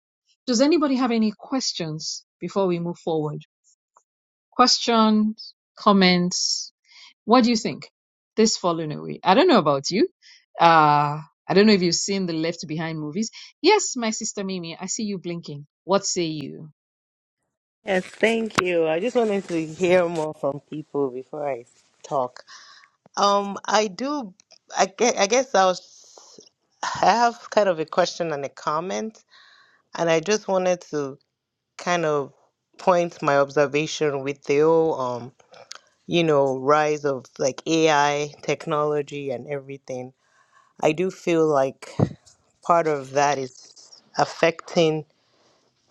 Speaker 4: does anybody have any questions before we move forward questions comments What do you think? This falling away. I don't know about you. Uh, I don't know if you've seen the Left Behind movies. Yes, my sister Mimi, I see you blinking. What say you?
Speaker 6: Yes, thank you. I just wanted to hear more from people before I talk. Um, I do. I guess, I guess I was. I have kind of a question and a comment, and I just wanted to kind of point my observation with the whole, um, you know, rise of like AI technology and everything. I do feel like part of that is affecting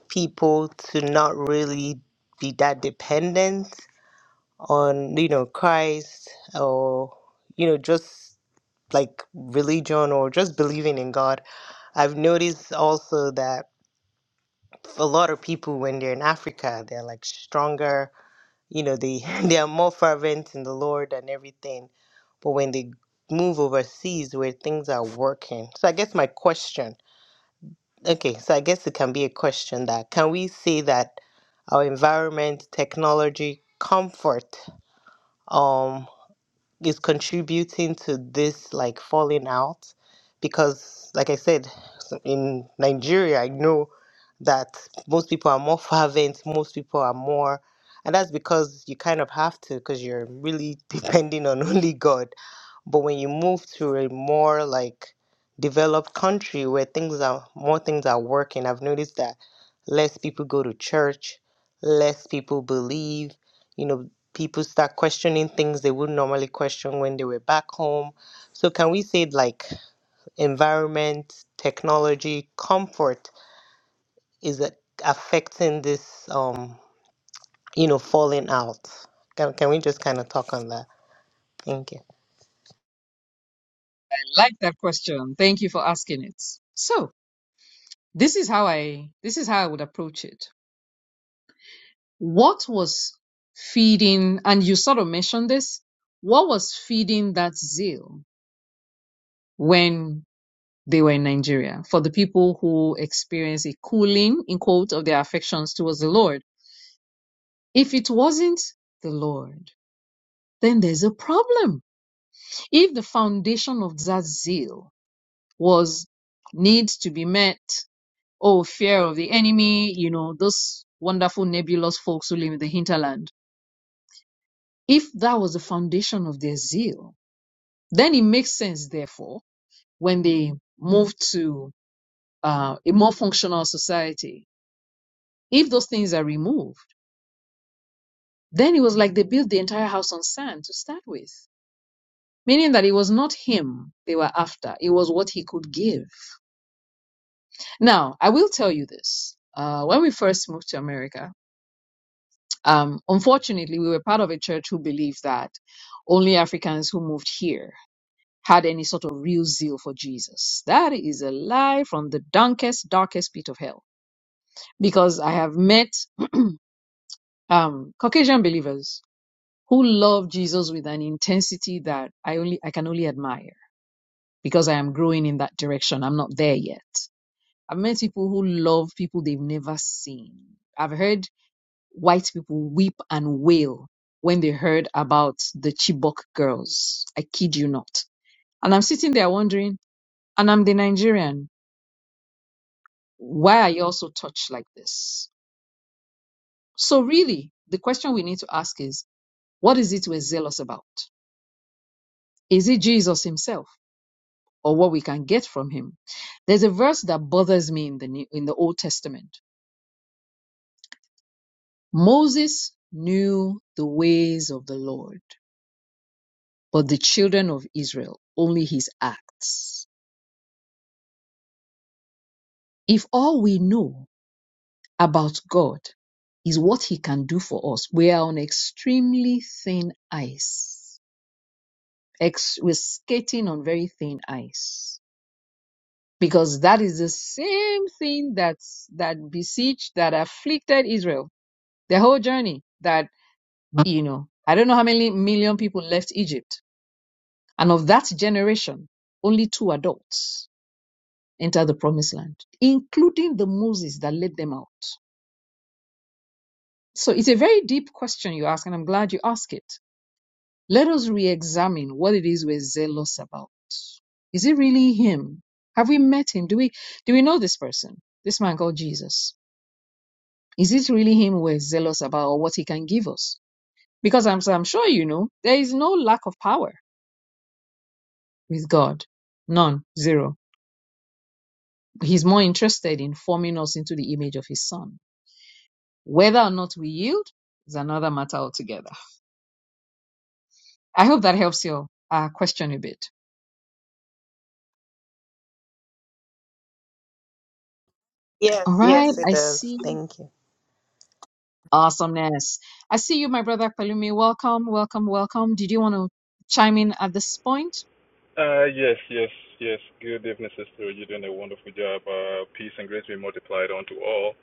Speaker 6: people to not really be that dependent on you know Christ or you know just like religion or just believing in God. I've noticed also that a lot of people when they're in Africa, they're like stronger, you know, they they are more fervent in the Lord and everything. But when they move overseas where things are working. So I guess my question Okay, so I guess it can be a question that can we say that our environment, technology, comfort, um, is contributing to this like falling out? Because, like I said, so in Nigeria, I know that most people are more fervent, most people are more, and that's because you kind of have to, because you're really depending on only God but when you move to a more like developed country where things are more things are working, I've noticed that less people go to church, less people believe, you know, people start questioning things they would normally question when they were back home. So can we say like environment, technology, comfort is a, affecting this um, you know, falling out? Can, can we just kind of talk on that? Thank you.
Speaker 4: I like that question. Thank you for asking it. So, this is how I this is how I would approach it. What was feeding and you sort of mentioned this, what was feeding that zeal when they were in Nigeria for the people who experienced a cooling in quote of their affections towards the Lord? If it wasn't the Lord, then there's a problem. If the foundation of that zeal was needs to be met, oh, fear of the enemy, you know, those wonderful nebulous folks who live in the hinterland, if that was the foundation of their zeal, then it makes sense, therefore, when they move to uh, a more functional society, if those things are removed, then it was like they built the entire house on sand to start with. meaning that it was not him they were after, it was what he could give. Now, I will tell you this. Uh, when we first moved to America, um, unfortunately, we were part of a church who believed that only Africans who moved here had any sort of real zeal for Jesus. That is a lie from the darkest, darkest pit of hell. Because I have met um, Caucasian believers who love Jesus with an intensity that I only I can only admire because I am growing in that direction. I'm not there yet. I've met people who love people they've never seen. I've heard white people weep and wail when they heard about the Chibok girls. I kid you not. And I'm sitting there wondering, and I'm the Nigerian, why are you also touched like this? So, really, the question we need to ask is what is it we're zealous about? Is it Jesus himself or what we can get from him? There's a verse that bothers me in the, New, in the Old Testament Moses knew the ways of the Lord, but the children of Israel only his acts. If all we know about God is what he can do for us, we are on extremely thin ice. Ex- we're skating on very thin ice because that is the same thing that's that besieged, that afflicted Israel, the whole journey that, you know, I don't know how many million people left Egypt And of that generation, only two adults enter the promised land, including the Moses that led them out. So it's a very deep question you ask, and I'm glad you ask it. Let us re examine what it is we're zealous about. Is it really him? Have we met him? Do we do we know this person? This man called Jesus. Is it really him we're zealous about or what he can give us? Because I'm, I'm sure you know there is no lack of power with God. None. Zero. He's more interested in forming us into the image of his son. Whether or not we yield is another matter altogether. I hope that helps your uh, question a bit. All
Speaker 6: Yes,
Speaker 4: right,
Speaker 6: yes, it
Speaker 4: I
Speaker 6: does.
Speaker 4: see
Speaker 6: Thank you.
Speaker 4: awesomeness. I see you, my brother Palumi. Welcome, welcome, welcome. Did you want to chime in at this point?
Speaker 8: Uh, yes, yes, yes. Good evening, sister. You're doing a wonderful job. Uh, peace and grace be multiplied unto all.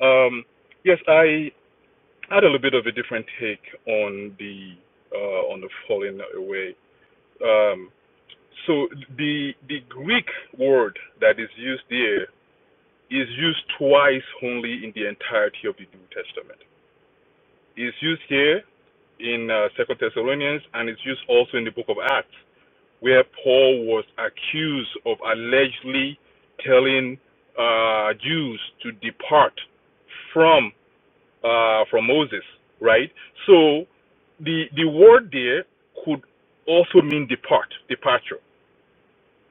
Speaker 8: Um, yes, I had a little bit of a different take on the uh, on the falling away. Um, so the the Greek word that is used there is used twice only in the entirety of the New Testament. It's used here in uh, Second Thessalonians, and it's used also in the Book of Acts. where Paul was accused of allegedly telling uh, Jews to depart from uh, from Moses, right? So the the word there could also mean depart, departure,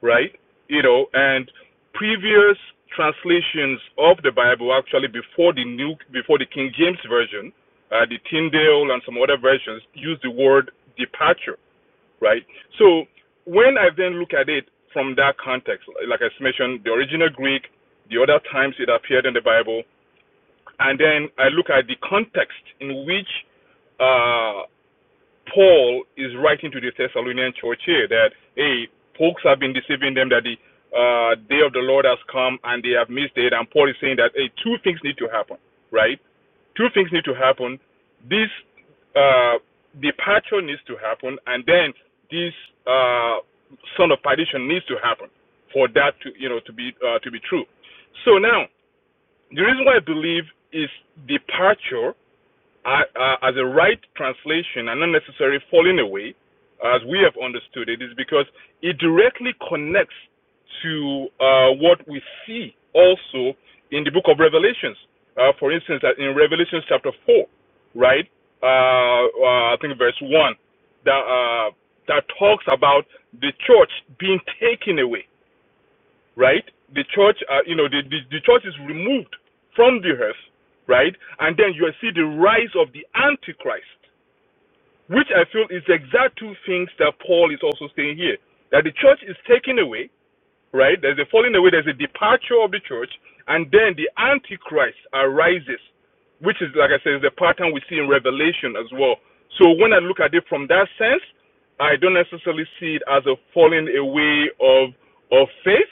Speaker 8: right? You know, and previous translations of the Bible actually before the new before the King James version, uh, the Tyndale and some other versions use the word departure right? So when I then look at it from that context, like I mentioned, the original Greek, the other times it appeared in the Bible, and then I look at the context in which uh, Paul is writing to the Thessalonian church here that hey, folks have been deceiving them that the uh, day of the Lord has come and they have missed it, and Paul is saying that hey, two things need to happen, right? two things need to happen. This uh, departure needs to happen, and then this uh, son of perdition needs to happen for that to you know to be uh, to be true. So now the reason why I believe is departure uh, uh, as a right translation and not necessarily falling away, as we have understood it, is because it directly connects to uh, what we see also in the book of Revelations. Uh, for instance, uh, in Revelation chapter 4, right? Uh, uh, I think verse 1, that, uh, that talks about the church being taken away right? The church, uh, you know, the, the, the church is removed from the earth, right? And then you see the rise of the Antichrist, which I feel is the exact two things that Paul is also saying here. That the church is taken away, right? There's a falling away, there's a departure of the church, and then the Antichrist arises, which is, like I said, is the pattern we see in Revelation as well. So when I look at it from that sense, I don't necessarily see it as a falling away of of faith,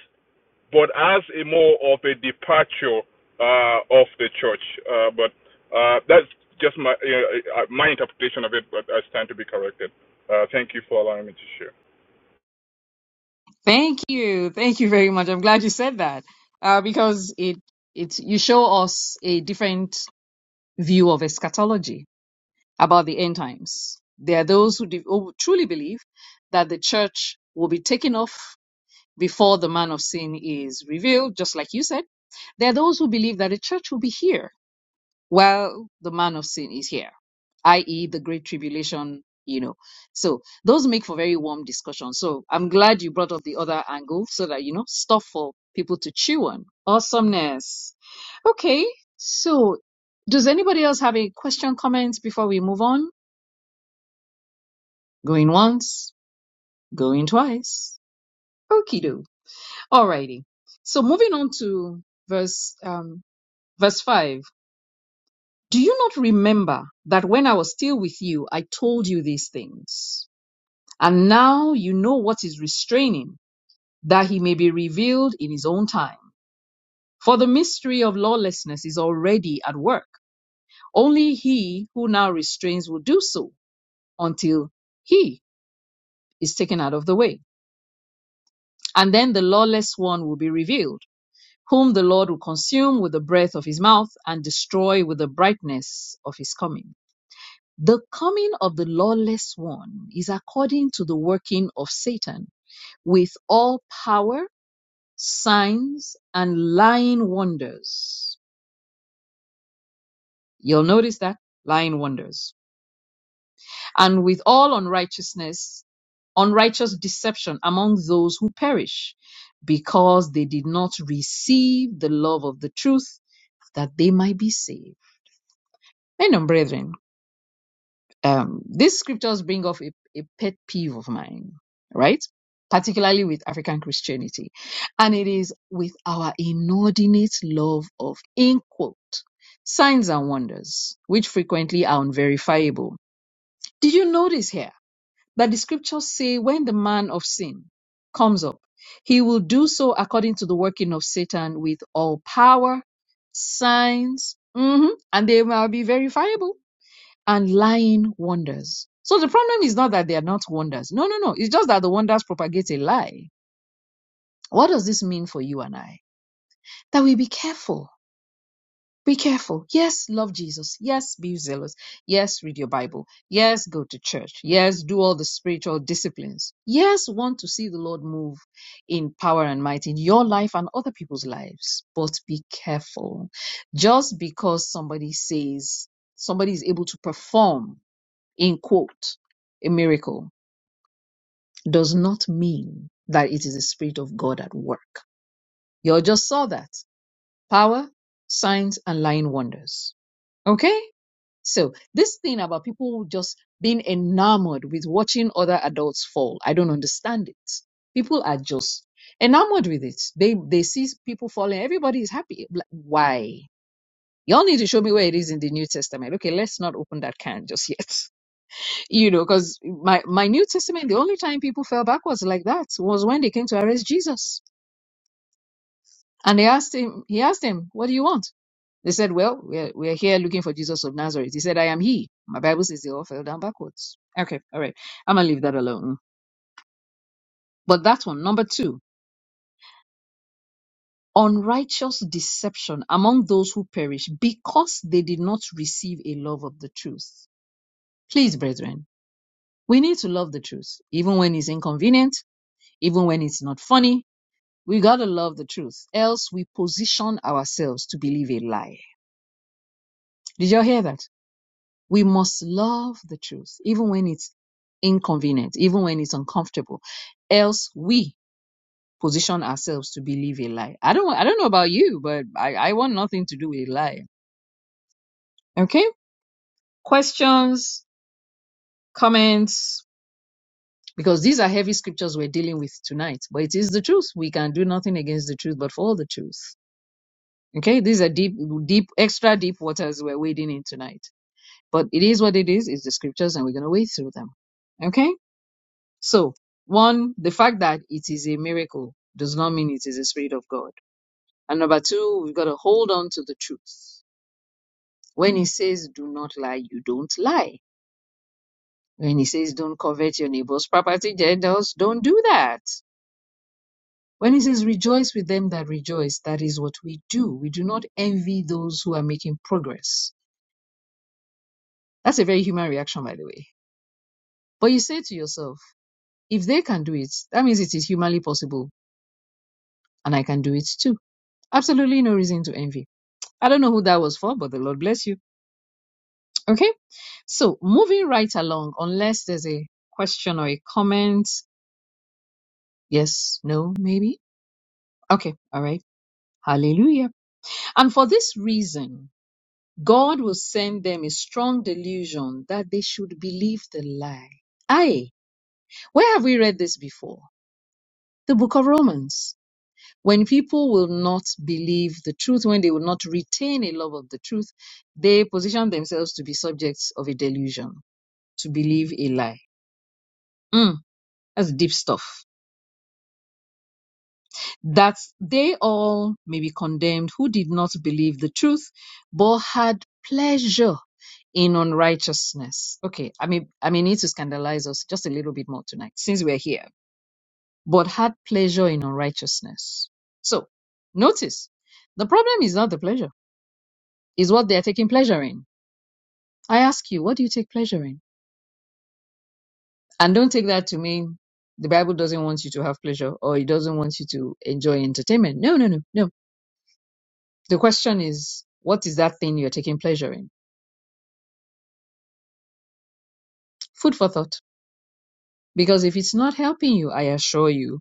Speaker 8: but as a more of a departure uh, of the church. Uh, but uh, that's just my you know, uh, my interpretation of it. But I stand to be corrected. Uh, thank you for allowing me to share.
Speaker 4: Thank you, thank you very much. I'm glad you said that uh, because it it you show us a different view of eschatology about the end times. There are those who, de- who truly believe that the church will be taken off before the man of sin is revealed, just like you said. There are those who believe that the church will be here while the man of sin is here, i.e., the great tribulation, you know. So those make for very warm discussion. So I'm glad you brought up the other angle so that, you know, stuff for people to chew on. Awesomeness. Okay. So does anybody else have a question, comment before we move on? Going once, going twice. Okie do. Alrighty. So moving on to verse um, verse five. Do you not remember that when I was still with you, I told you these things? And now you know what is restraining, that he may be revealed in his own time. For the mystery of lawlessness is already at work. Only he who now restrains will do so until he is taken out of the way. And then the lawless one will be revealed whom the Lord will consume with the breath of his mouth and destroy with the brightness of his coming. The coming of the lawless one is according to the working of Satan, with all power, signs, and lying wonders. You'll notice that lying wonders, and with all unrighteousness, unrighteous deception among those who perish, because they did not receive the love of the truth that they might be saved. Men and brethren, Um, these scriptures bring up a, a pet peeve of mine, right? Particularly with African Christianity. And it is with our inordinate love of, in quote, signs and wonders, which frequently are unverifiable. Did you notice here that the scriptures say when the man of sin comes up, he will do so according to the working of Satan with all power, signs, mhm, and they will be verifiable and lying wonders. So the problem is not that they are not wonders. No, no, no. It's just that the wonders propagate a lie. What does this mean for you and I? That we be careful. Be careful. Yes, love Jesus. Yes, be zealous. Yes, read your Bible. Yes, go to church. Yes, do all the spiritual disciplines. Yes, want to see the Lord move in power and might in your life and other people's lives. But be careful. Just because somebody says somebody is able to perform in quote, a miracle does not mean that it is the Spirit of God at work. You all just saw that. Power, signs, and lying wonders. Okay? So, this thing about people just being enamored with watching other adults fall, I don't understand it. People are just enamored with it. They they see people falling, everybody is happy. Like, Why? Y'all need to show me where it is in the New Testament. Okay, let's not open that can just yet. you know, because my, my New Testament, the only time people fell backwards like that was when they came to arrest Jesus. And they asked him, he asked them, what do you want? They said, well, we're, we're here looking for Jesus of Nazareth. He said, I am he. My Bible says they all fell down backwards. Okay. All right. I'm going to leave that alone. But that one, number two, unrighteous deception among those who perish because they did not receive a love of the truth. Please, brethren, we need to love the truth, even when it's inconvenient, even when it's not funny, We gotta love the truth, else we position ourselves to believe a lie. Did y'all hear that? We must love the truth, even when it's inconvenient, even when it's uncomfortable, else we position ourselves to believe a lie. I don't, I don't know about you, but I, I want nothing to do with a lie. Okay? Questions, comments, because these are heavy scriptures we're dealing with tonight, but it is the truth. We can do nothing against the truth, but for the truth. Okay? These are deep, deep, extra deep waters we're wading in tonight. But it is what it is. It's the scriptures, and we're going to wade through them. Okay? So, one, the fact that it is a miracle does not mean it is the Spirit of God. And number two, we've got to hold on to the truth. When he says, do not lie, you don't lie. When he says, don't covet your neighbor's property, Gentiles, don't do that. When he says, rejoice with them that rejoice, that is what we do. We do not envy those who are making progress. That's a very human reaction, by the way. But you say to yourself, If they can do it, that means it is humanly possible, and I can do it too. Absolutely no reason to envy. I don't know who that was for, but the Lord bless you. Okay, so moving right along, unless there's a question or a comment, yes, no, maybe. Okay, all right. Hallelujah. And for this reason, God will send them a strong delusion that they should believe the lie. Aye, where have we read this before? The book of Romans. When people will not believe the truth, when they will not retain a love of the truth, they position themselves to be subjects of a delusion, to believe a lie. Mm, that's deep stuff. That they all may be condemned who did not believe the truth, but had pleasure in unrighteousness. Okay, I mean, I may need to scandalize us just a little bit more tonight since we're here, but had pleasure in unrighteousness. So, notice the problem is not the pleasure. is what they're taking pleasure in. I ask you, what do you take pleasure in? And don't take that to mean the Bible doesn't want you to have pleasure or it doesn't want you to enjoy entertainment. No, no, no, no. The question is, what is that thing you're taking pleasure in? Food for thought. Because if it's not helping you, I assure you,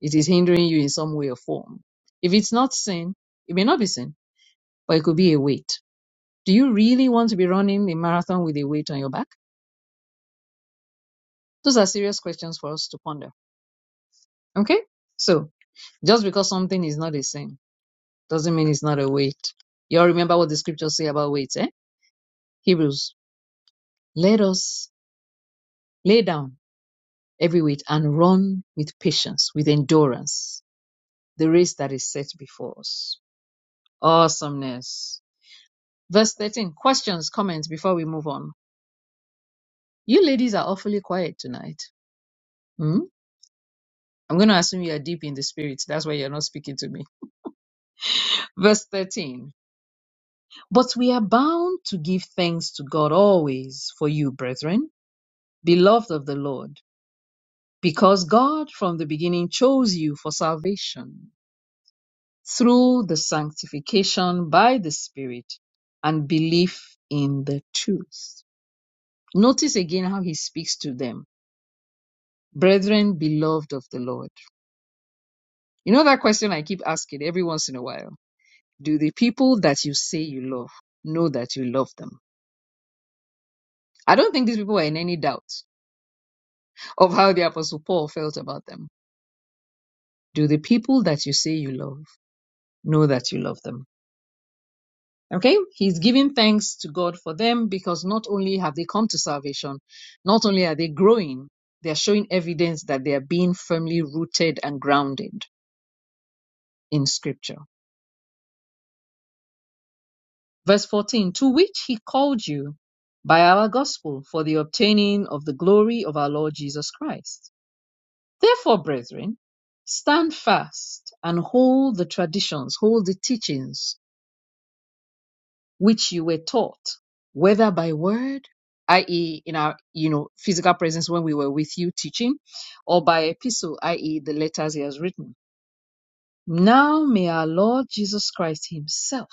Speaker 4: it is hindering you in some way or form. If it's not sin, it may not be sin, but it could be a weight. Do you really want to be running a marathon with a weight on your back? Those are serious questions for us to ponder. Okay? So, just because something is not a sin doesn't mean it's not a weight. You all remember what the scriptures say about weights, eh? Hebrews, let us lay down every weight and run with patience, with endurance, the race that is set before us. Awesomeness. Verse 13. Questions, comments before we move on. You ladies are awfully quiet tonight. Hmm? I'm going to assume you are deep in the spirit. That's why you're not speaking to me. Verse 13. But we are bound to give thanks to God always for you, brethren, beloved of the Lord, because God from the beginning chose you for salvation through the sanctification by the Spirit and belief in the truth. Notice again how he speaks to them, brethren, beloved of the Lord. You know that question I keep asking every once in a while do the people that you say you love know that you love them? I don't think these people are in any doubt. of how the Apostle Paul felt about them. Do the people that you say you love know that you love them? Okay, he's giving thanks to God for them because not only have they come to salvation, not only are they growing, they are showing evidence that they are being firmly rooted and grounded in Scripture. Verse 14, to which he called you by our gospel for the obtaining of the glory of our Lord Jesus Christ. Therefore, brethren, stand fast and hold the traditions, hold the teachings which you were taught, whether by word, i.e., in our you know physical presence when we were with you teaching, or by epistle, i.e., the letters he has written. Now may our Lord Jesus Christ Himself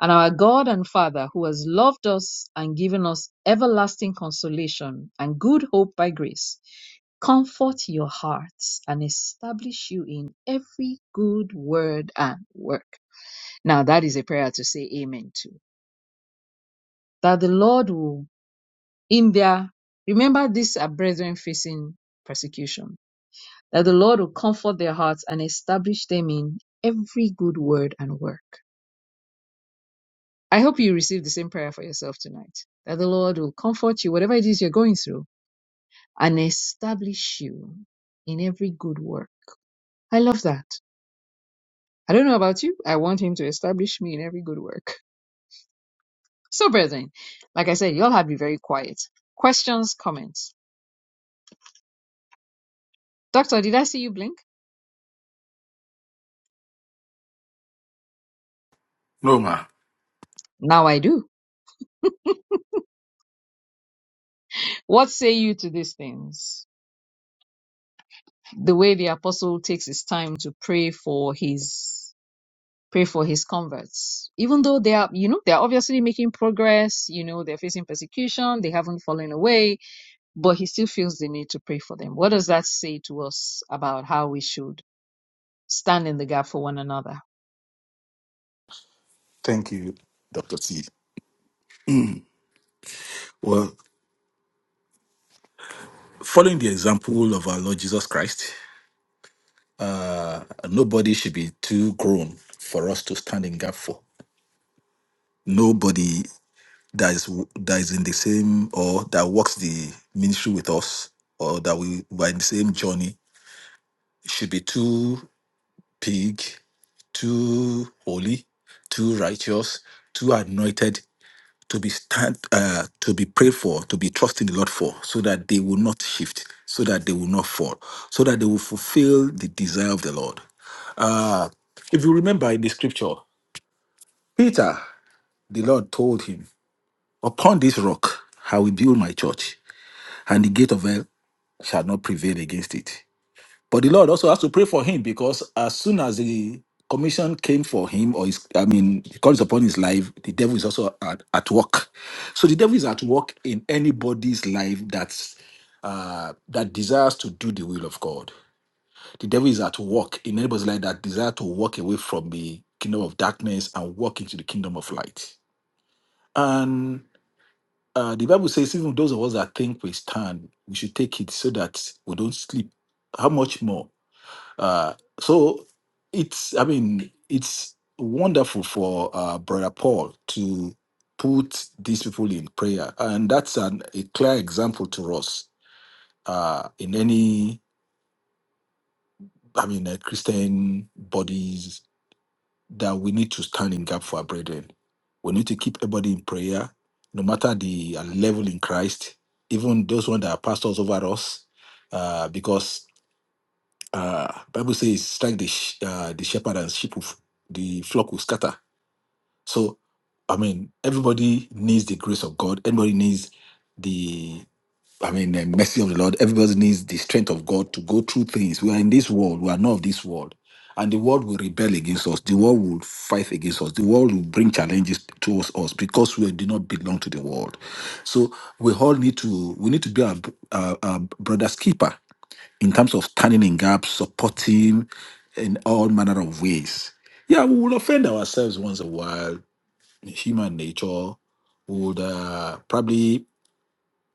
Speaker 4: and our God and Father, who has loved us and given us everlasting consolation and good hope by grace, comfort your hearts and establish you in every good word and work. Now, that is a prayer to say amen to. That the Lord will in their remember these are brethren facing persecution that the lord will comfort their hearts and establish them in every good word and work i hope you receive the same prayer for yourself tonight that the lord will comfort you whatever it is you're going through and establish you in every good work i love that i don't know about you i want him to establish me in every good work so brethren like i said y'all have been very quiet questions comments doctor did i see you blink
Speaker 5: No, ma.
Speaker 4: now i do What say you to these things? The way the apostle takes his time to pray for his pray for his converts, even though they are, you know, they are obviously making progress. You know, they're facing persecution, they haven't fallen away, but he still feels the need to pray for them. What does that say to us about how we should stand in the gap for one another?
Speaker 5: Thank you, Dr. T. well following the example of our lord jesus christ uh, nobody should be too grown for us to stand in gap for nobody that is w- that is in the same or that works the ministry with us or that we were in the same journey should be too big, too holy, too righteous, too anointed to be stand uh, to be prayed for, to be trusting the Lord for, so that they will not shift, so that they will not fall, so that they will fulfill the desire of the Lord. Uh, if you remember in the scripture, Peter, the Lord told him, Upon this rock I will build my church, and the gate of hell shall not prevail against it. But the Lord also has to pray for him because as soon as the commission came for him, or his, I mean, the call upon his life, the devil is also at, at work. So the devil is at work in anybody's life that's uh, that desires to do the will of God. The devil is at work in anybody's life that desire to walk away from the kingdom of darkness and walk into the kingdom of light. Uh, the Bible says, even those of us that think we stand, we should take it so that we don't sleep. How much more? Uh, so it's, I mean, it's wonderful for uh, Brother Paul to put these people in prayer. And that's an, a clear example to us uh, in any, I mean, uh, Christian bodies that we need to stand in gap for our brethren. We need to keep everybody in prayer, no matter the uh, level in Christ, even those ones that are pastors over us, uh, because uh, Bible says, "Strike the sh- uh, the shepherd and sheep of the flock will scatter." So, I mean, everybody needs the grace of God. Everybody needs the I mean, the mercy of the Lord. Everybody needs the strength of God to go through things. We are in this world. We are not of this world. And the world will rebel against us. The world will fight against us. The world will bring challenges towards us because we do not belong to the world. So we all need to we need to be our, our, our brother's keeper in terms of standing in gaps, supporting in all manner of ways. Yeah, we will offend ourselves once in a while. Human nature would uh, probably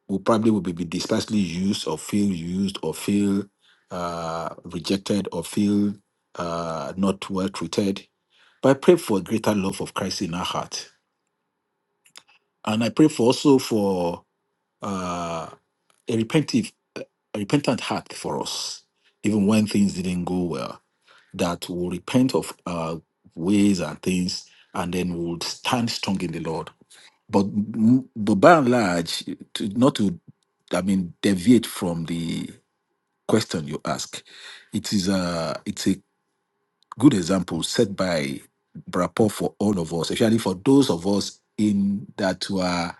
Speaker 5: will probably will be be dispersely used or feel used or feel uh, rejected or feel uh, not well treated. But I pray for a greater love of Christ in our heart. And I pray for also for uh, a repentive, a repentant heart for us, even when things didn't go well, that will repent of uh, ways and things and then will stand strong in the Lord but m- but by and large, to, not to, I mean, deviate from the question you ask, it is a it's a good example set by Brapo for all of us, especially for those of us in that were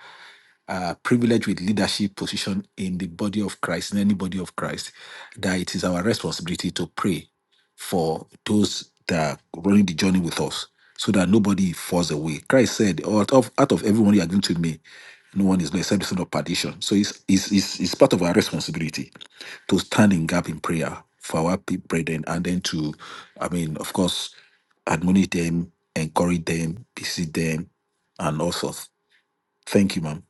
Speaker 5: uh, privilege with leadership position in the body of Christ, in any body of Christ, that it is our responsibility to pray for those that are running the journey with us so that nobody falls away. Christ said, out of, out of everyone you are going to me, no one is blessed except the son of perdition. So it's, it's, it's, it's part of our responsibility to stand in gap in prayer for our pe- brethren and then to, I mean, of course, admonish them, encourage them, visit them, and also thank you, ma'am.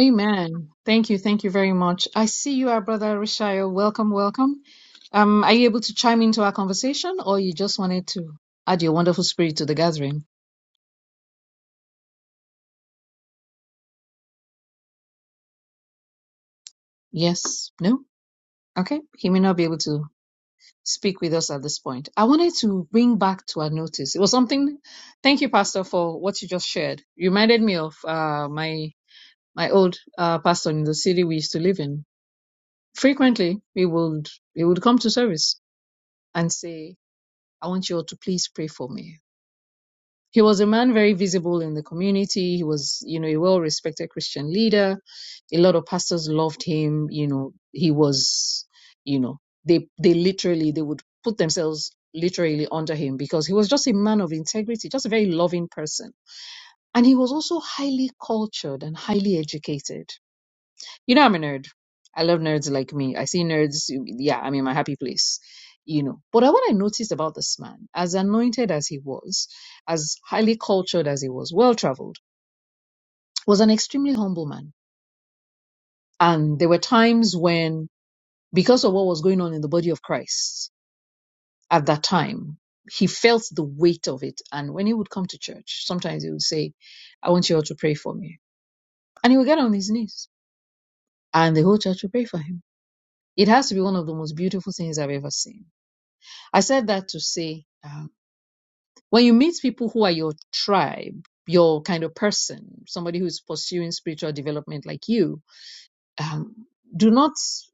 Speaker 4: Amen. Thank you. Thank you very much. I see you, our brother Rishayo. Welcome, welcome. Um, are you able to chime into our conversation, or you just wanted to add your wonderful spirit to the gathering? Yes. No? Okay. He may not be able to speak with us at this point. I wanted to bring back to our notice. It was something. Thank you, Pastor, for what you just shared. You reminded me of uh, my my old uh, pastor in the city we used to live in. Frequently, we would he would come to service and say, "I want you all to please pray for me." He was a man very visible in the community. He was, you know, a well respected Christian leader. A lot of pastors loved him. You know, he was, you know, they they literally they would put themselves literally under him because he was just a man of integrity, just a very loving person. And he was also highly cultured and highly educated. You know, I'm a nerd. I love nerds like me. I see nerds. Yeah, I'm in my happy place. You know, but what I noticed about this man, as anointed as he was, as highly cultured as he was, well traveled, was an extremely humble man. And there were times when, because of what was going on in the body of Christ at that time, he felt the weight of it. And when he would come to church, sometimes he would say, I want you all to pray for me. And he would get on his knees, and the whole church would pray for him. It has to be one of the most beautiful things I've ever seen I said that to say um, when you meet people who are your tribe, your kind of person, somebody who's pursuing spiritual development like you, um, do not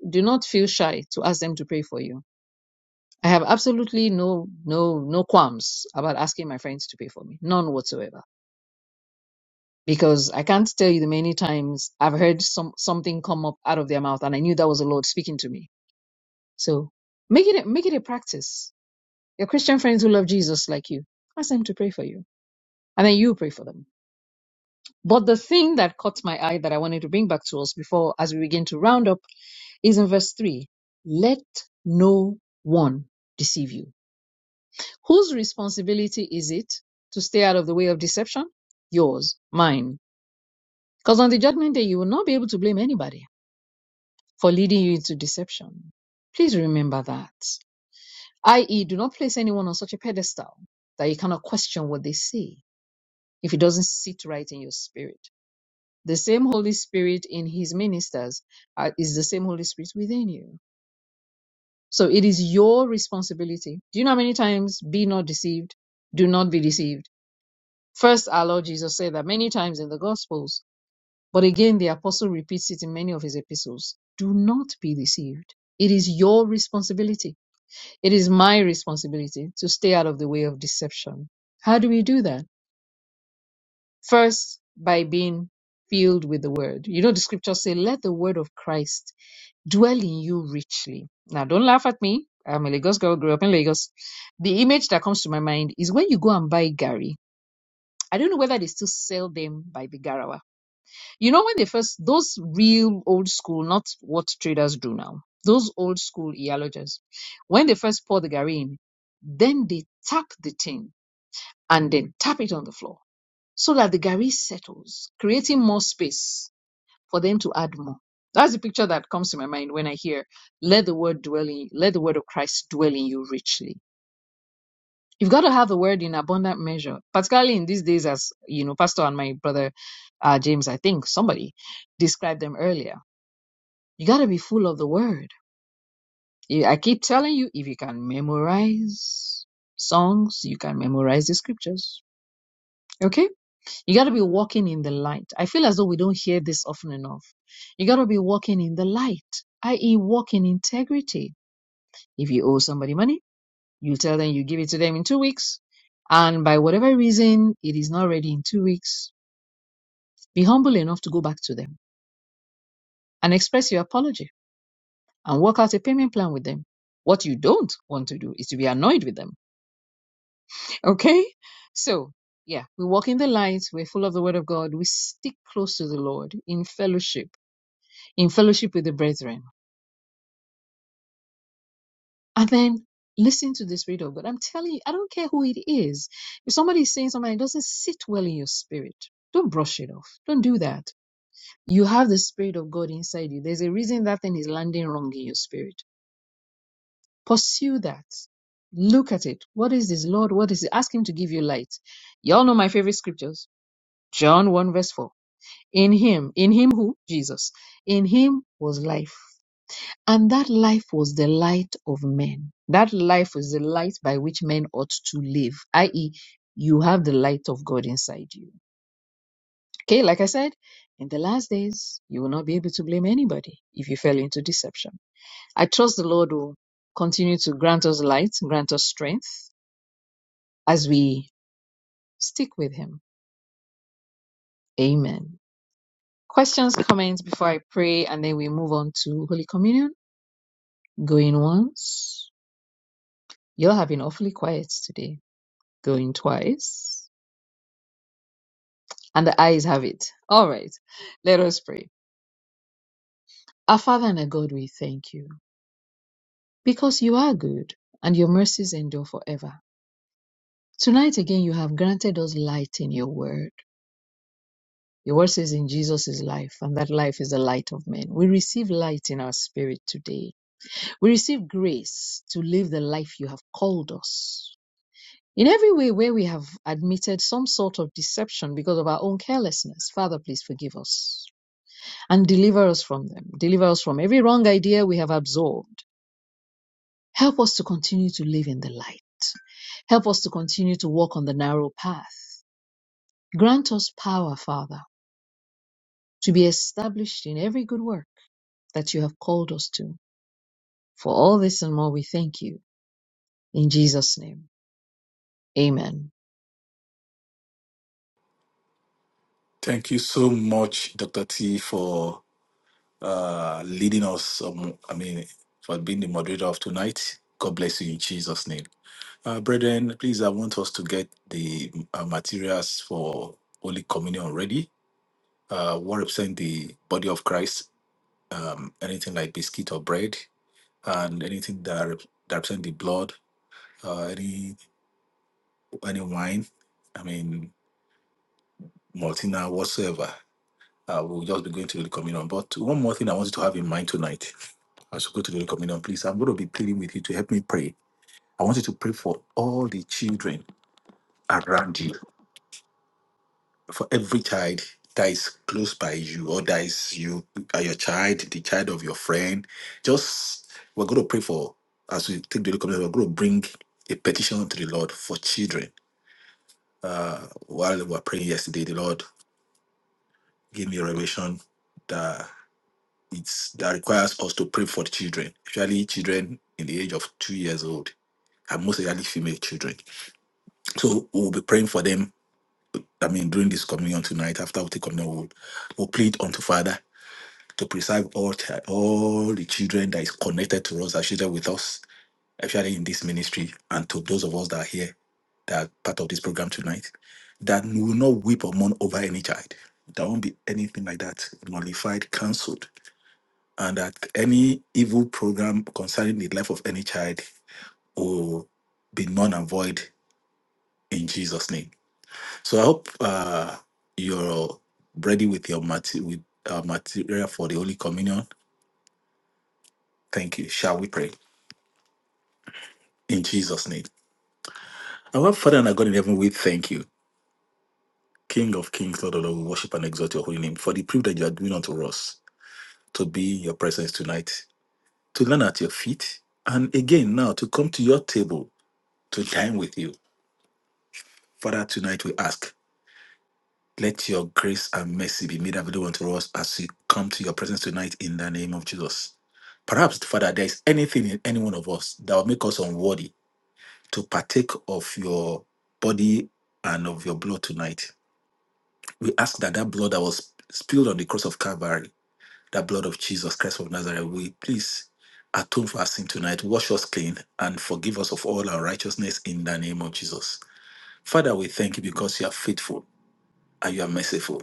Speaker 4: do not feel shy to ask them to pray for you. I have absolutely no no no qualms about asking my friends to pray for me, none whatsoever. Because I can't tell you the many times I've heard some something come up out of their mouth, and I knew that was the Lord speaking to me. So make it a, make it a practice. Your Christian friends who love Jesus like you, ask them to pray for you and then you pray for them. But the thing that caught my eye that I wanted to bring back to us before, as we begin to round up, is in verse 3 Let no one deceive you. Whose responsibility is it to stay out of the way of deception? Yours, mine. Because on the judgment day, you will not be able to blame anybody for leading you into deception. Please remember that. I.e., do not place anyone on such a pedestal that you cannot question what they say if it doesn't sit right in your spirit. the same Holy Spirit in his ministers uh, is the same Holy Spirit within you. So it is your responsibility. Do you know how many times be not deceived? Do not be deceived. First, our Lord Jesus said that many times in the Gospels, but again, the apostle repeats it in many of his epistles. Do not be deceived. It is your responsibility. It is my responsibility to stay out of the way of deception. How do we do that? First, by being filled with the word. You know, the scriptures say, let the word of Christ dwell in you richly. Now, don't laugh at me. I'm a Lagos girl, grew up in Lagos. The image that comes to my mind is when you go and buy Gary. I don't know whether they still sell them by the Garawa. You know, when they first, those real old school, not what traders do now, those old school Iyalojas, when they first pour the Gary in, then they tap the tin and then tap it on the floor so that the Gary settles, creating more space for them to add more. That's the picture that comes to my mind when I hear, let the word dwell in let the word of Christ dwell in you richly. You've got to have the word in abundant measure, particularly in these days, as you know, Pastor and my brother uh, James, I think somebody described them earlier. You got to be full of the word. I keep telling you, if you can memorize songs, you can memorize the scriptures. Okay? You got to be walking in the light. I feel as though we don't hear this often enough. You got to be walking in the light, i.e., walk in integrity. If you owe somebody money, you tell them you give it to them in two weeks. And by whatever reason, it is not ready in two weeks, be humble enough to go back to them and express your apology and work out a payment plan with them. What you don't want to do is to be annoyed with them. Okay? So, yeah, we walk in the light. We're full of the word of God. We stick close to the Lord in fellowship in fellowship with the brethren. And then listen to the Spirit of God. I'm telling you, I don't care who it is. If somebody is saying something that doesn't sit well in your spirit, don't brush it off. Don't do that. You have the Spirit of God inside you. There's a reason that thing is landing wrong in your spirit. Pursue that. Look at it. What is this, Lord? What is it? Ask Him to give you light. Y'all know my favorite scriptures John 1, verse 4. In Him, in Him who? Jesus. In Him was life And that life was the light of men. That life is the light by which men ought to live, i.e., you have the light of God inside you. Okay, like I said, in the last days, you will not be able to blame anybody if you fell into deception. I trust the Lord will continue to grant us light, grant us strength as we stick with Him. Amen. Questions, comments before I pray, and then we move on to Holy Communion. Going once. You're having awfully quiet today. Going twice And the eyes have it. All right. Let us pray. Our Father and our God, we thank you because you are good and your mercies endure forever. Tonight again, you have granted us light in your word. Your word says in Jesus is life, and that life is the light of men. We receive light in our spirit today. We receive grace to live the life you have called us. In every way where we have admitted some sort of deception because of our own carelessness, Father, please forgive us. and deliver us from them. Deliver us from every wrong idea we have absorbed. Help us to continue to live in the light. Help us to continue to walk on the narrow path. Grant us power, Father, to be established in every good work that you have called us to. For all this and more, we thank you. In Jesus' name, amen.
Speaker 5: Thank you so much, Dr. T, for uh, leading us. Um, I mean, for being the moderator of tonight. God bless you in Jesus' name. Uh, brethren, please, I want us to get the uh, materials for Holy Communion ready. Uh, what represent the body of Christ? Um, anything like biscuit or bread, and anything that, rep- that represent the blood, uh, any any wine, I mean, Martina, whatsoever. Uh, we'll just be going to the communion. But one more thing I want you to have in mind tonight as we go to the communion, please, I'm going to be pleading with you to help me pray. I want you to pray for all the children around you, for every child that is close by you, or that is you, uh, your child, the child of your friend. Just, we're going to pray for, as we take the communion, we're going to bring a petition to the Lord for children. Uh, while we were praying yesterday, the Lord gave me a revelation that it's that requires us to pray for the children, especially children in the age of two years old, and most especially female children. So we'll be praying for them. I mean, during this communion tonight, after we take communion, we'll, we'll plead unto Father to preserve all chi- all the children that is connected to us, that children with us, especially in this ministry, and to those of us that are here, that are part of this program tonight, that we will not weep or mourn over any child. There won't be anything like that nullified, cancelled and that any evil program concerning the life of any child will be none and void in Jesus' name. So I hope uh, you're ready with your mate- with, uh, material for the Holy Communion. Thank you. Shall we pray in Jesus' name? Our Father and our God in heaven, we thank you, King of Kings, Lord of Lords. We worship and exalt your holy name for the privilege you are doing unto us to be in your presence tonight, to learn at your feet, and again now to come to your table to dine with you. Father, tonight we ask Let your grace and mercy be made available unto us as we come to your presence tonight in the name of Jesus. Perhaps, Father, there is anything in any one of us that will make us unworthy to partake of your body and of your blood tonight. We ask that that blood that was spilled on the cross of Calvary, that blood of Jesus Christ of Nazareth, we please atone for our sin tonight, wash us clean, and forgive us of all our righteousness in the name of Jesus. Father, we thank you because you are faithful and you are merciful.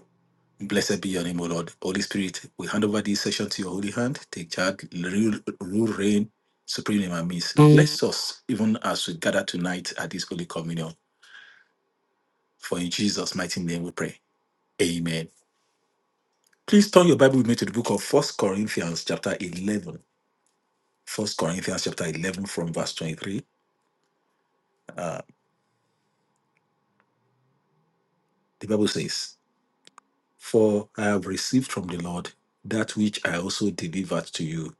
Speaker 5: Blessed be your name, O Lord. Holy Spirit, we hand over this session to your holy hand. Take charge, rule, rule reign supreme in our midst. Bless us even as we gather tonight at this holy communion. For in Jesus' mighty name we pray. Amen. Please turn your Bible with me to the book of First Corinthians, chapter 11. First Corinthians, chapter 11, from verse 23. Uh, the Bible says, For I have received from the Lord that which I also delivered to you,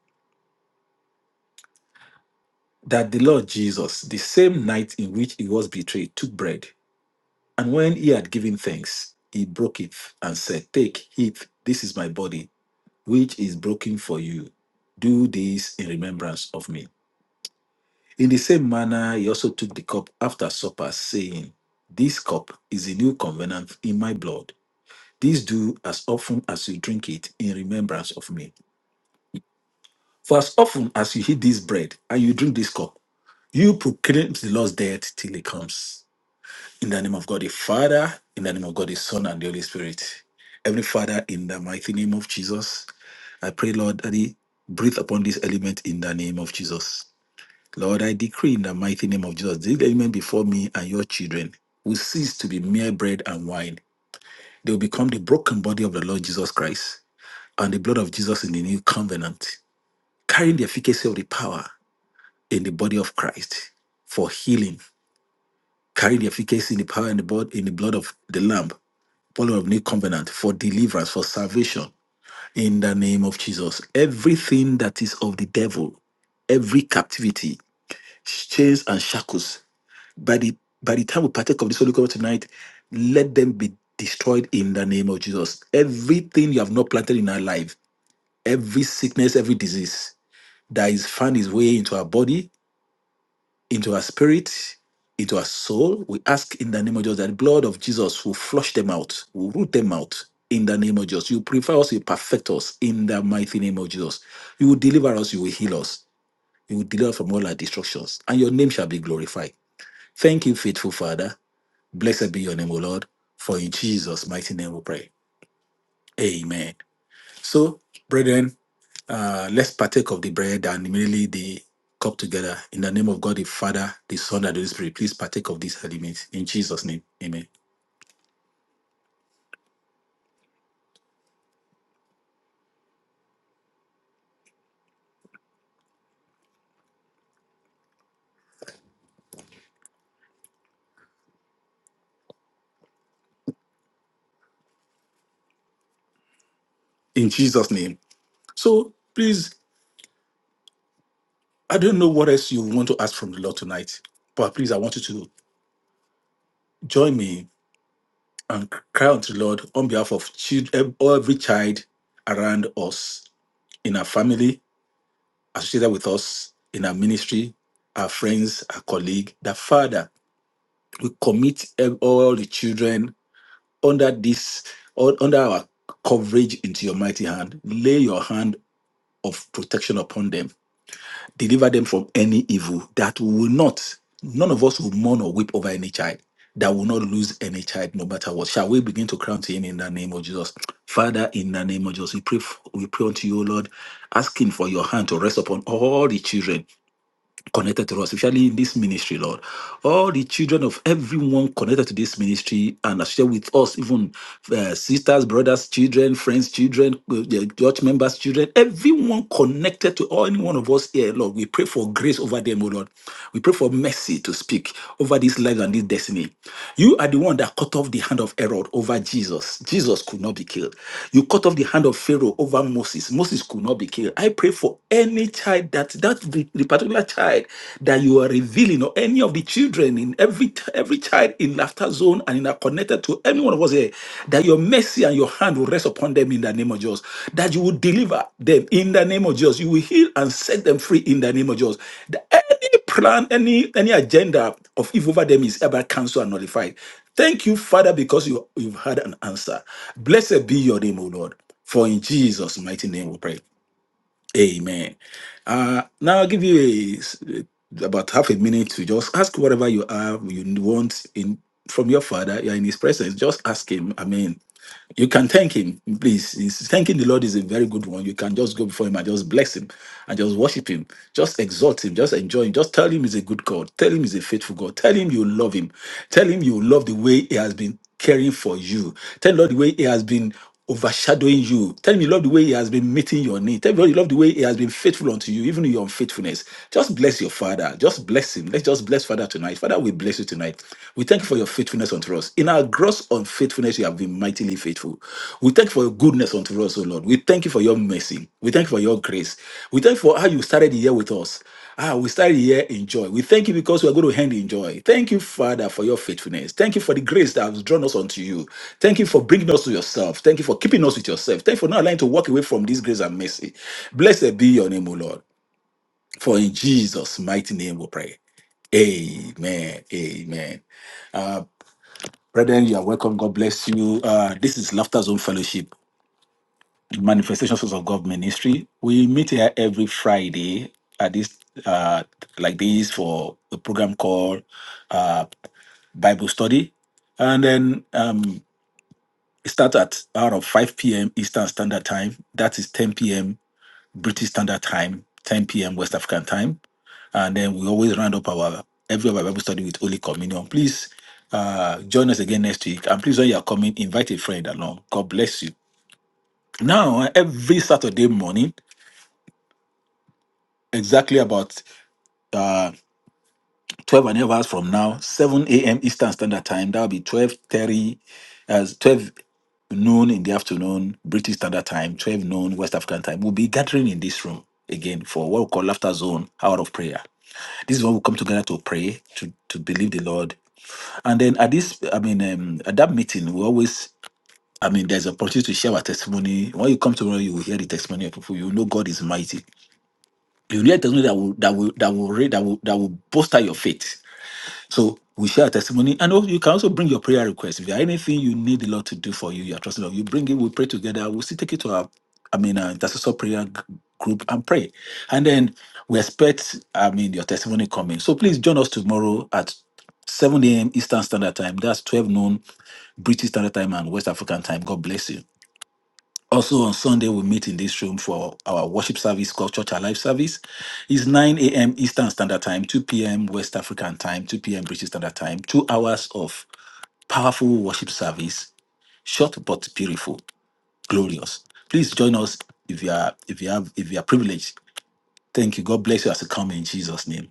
Speaker 5: that the Lord Jesus, the same night in which he was betrayed, took bread. And when he had given thanks, he broke it and said, Take, eat, this is my body, which is broken for you. Do this in remembrance of me. In the same manner, he also took the cup after supper, saying, This cup is a new covenant in my blood. This do as often as you drink it in remembrance of me. For as often as you eat this bread and you drink this cup, you proclaim the Lord's death till he comes. In the name of God the Father, in the name of God the Son, and the Holy Spirit. Heavenly Father, in the mighty name of Jesus, I pray, Lord, that He breathe upon this element in the name of Jesus. Lord, I decree in the mighty name of Jesus, this element before me and your children will cease to be mere bread and wine. They will become the broken body of the Lord Jesus Christ and the blood of Jesus in the new covenant, carrying the efficacy of the power in the body of Christ for healing, carrying the efficacy in the power and the blood in the blood of the Lamb follower of new covenant, for deliverance, for salvation. In the name of Jesus, everything that is of the devil, every captivity, chains and shackles, by the by the time we partake of this Holy Ghost tonight, let them be destroyed in the name of Jesus. Everything you have not planted in our life, every sickness, every disease that is found its way into our body, into our spirit, into our soul. We ask in the name of Jesus that the blood of Jesus will flush them out, will root them out in the name of Jesus. You prefer us, you perfect us in the mighty name of Jesus. You will deliver us, you will heal us, you will deliver us from all our destructions, and your name shall be glorified. Thank you, faithful Father. Blessed be your name, O Lord, for in Jesus' mighty name we pray. Amen. So, brethren, uh, let's partake of the bread and immediately the cup together. In the name of God, the Father, the Son, and the Holy Spirit, please partake of this element in Jesus' name. Amen. In Jesus' name. So please, I don't know what else you want to ask from the Lord tonight, but please, I want you to join me and cry unto the Lord on behalf of children, every child around us, in our family, associated with us, in our ministry, our friends, our colleague, the Father. We commit ev- all the children under this or under our coverage into your mighty hand lay your hand of protection upon them deliver them from any evil that will not none of us will mourn or weep over any child that will not lose any child no matter what shall we begin to crown to him in the name of jesus father in the name of jesus we pray f- we pray unto you O lord asking for your hand to rest upon all the children connected to us, especially in this ministry, Lord. All the children of everyone connected to this ministry and share with us, even uh, sisters, brothers, children, friends, children, uh, the church members, children, everyone connected to all any one of us here, Lord. We pray for grace over them, O Lord. We pray for mercy to speak over this life and this destiny. You are the one that cut off the hand of Herod over Jesus. Jesus could not be killed. You cut off the hand of Pharaoh over Moses. Moses could not be killed. I pray for any child child that that the, the particular child that you are revealing or any of the children in every t- every child in laughter zone and in are connected to any one of us here that your mercy and your hand will rest upon them in the name of Jesus that you will deliver them in the name of Jesus you will heal and set them free in the name of Jesus that any plan any any agenda of evil over them is ever cancelled and nullified thank you father because you you've had an answer blessed be your name o lord for in jesus mighty name we pray Amen. Uh, now I'll give you a, s- about half a minute to just ask whatever you have you want in from your father. You're in his presence. Just ask him. I mean, you can thank him, please. He's- thanking the Lord is a very good one. You can just go before him and just bless him and just worship him. Just exalt him. Just enjoy him. Just tell him he's a good God. Tell him he's a faithful God. Tell him you love him. Tell him you love the way he has been caring for you. Tell Lord the way he has been overshadowing you. Tell him you love the way he has been meeting your need. Tell him you love the way he has been faithful unto you, even in your unfaithfulness. Just bless your father. Just bless him. Let's just bless Father tonight. Father, we bless you tonight. We thank you for your faithfulness unto us. In our gross unfaithfulness, you have been mightily faithful. We thank you for your goodness unto us, O Lord. We thank you for your mercy. We thank you for your grace. We thank you for how you started the year with us. Ah, we start here in joy. We thank you because we are going to end in joy. Thank you, Father, for your faithfulness. Thank you for the grace that has drawn us unto you. Thank you for bringing us to yourself. Thank you for keeping us with yourself. Thank you for not allowing to walk away from this grace and mercy. Blessed be your name, O Lord. For in Jesus' mighty name we pray. Amen. Amen. Uh, brethren, you are welcome. God bless you. Uh, this is Laughter Zone Fellowship manifestations of God ministry. We meet here every Friday at this uh like this for a program called uh Bible study. And then um it starts at out of 5 p.m. Eastern Standard Time. That is 10 p.m. British Standard Time, 10 p.m. West African time. And then we always round up our every our Bible study with Holy Communion. Please uh join us again next week. And please when you are coming, invite a friend along. God bless you. Now every Saturday morning exactly about uh 12 and a half hours from now 7 a.m eastern standard time that'll be 12 thirty, as 12 noon in the afternoon british standard time 12 noon west african time we'll be gathering in this room again for what we call laughter zone hour of prayer this is when we come together to pray to to believe the lord and then at this i mean um, at that meeting we always i mean there's an opportunity to share our testimony when you come tomorrow you will hear the testimony of people you know god is mighty You need a testimony that will that will that will re- that will that will bolster your faith. So we share a testimony, and also you can also bring your prayer request. If there are anything you need the Lord to do for you, you are trusting the Lord. You bring it. We pray together. We will still take it to our, I mean, our intercessor prayer g- group and pray, and then we expect, I mean, your testimony coming. So please join us tomorrow at 7 a.m. Eastern Standard Time. That's 12 noon British Standard Time and West African Time. God bless you. Also on Sunday, we meet in this room for our worship service called Church Alive service. It's 9 a.m. Eastern Standard Time, 2 p.m. West African Time, 2 p.m. British Standard Time. Two hours of powerful worship service, short but beautiful, glorious. Please join us if you are if you have if you are privileged. Thank you. God bless you as you come in Jesus' name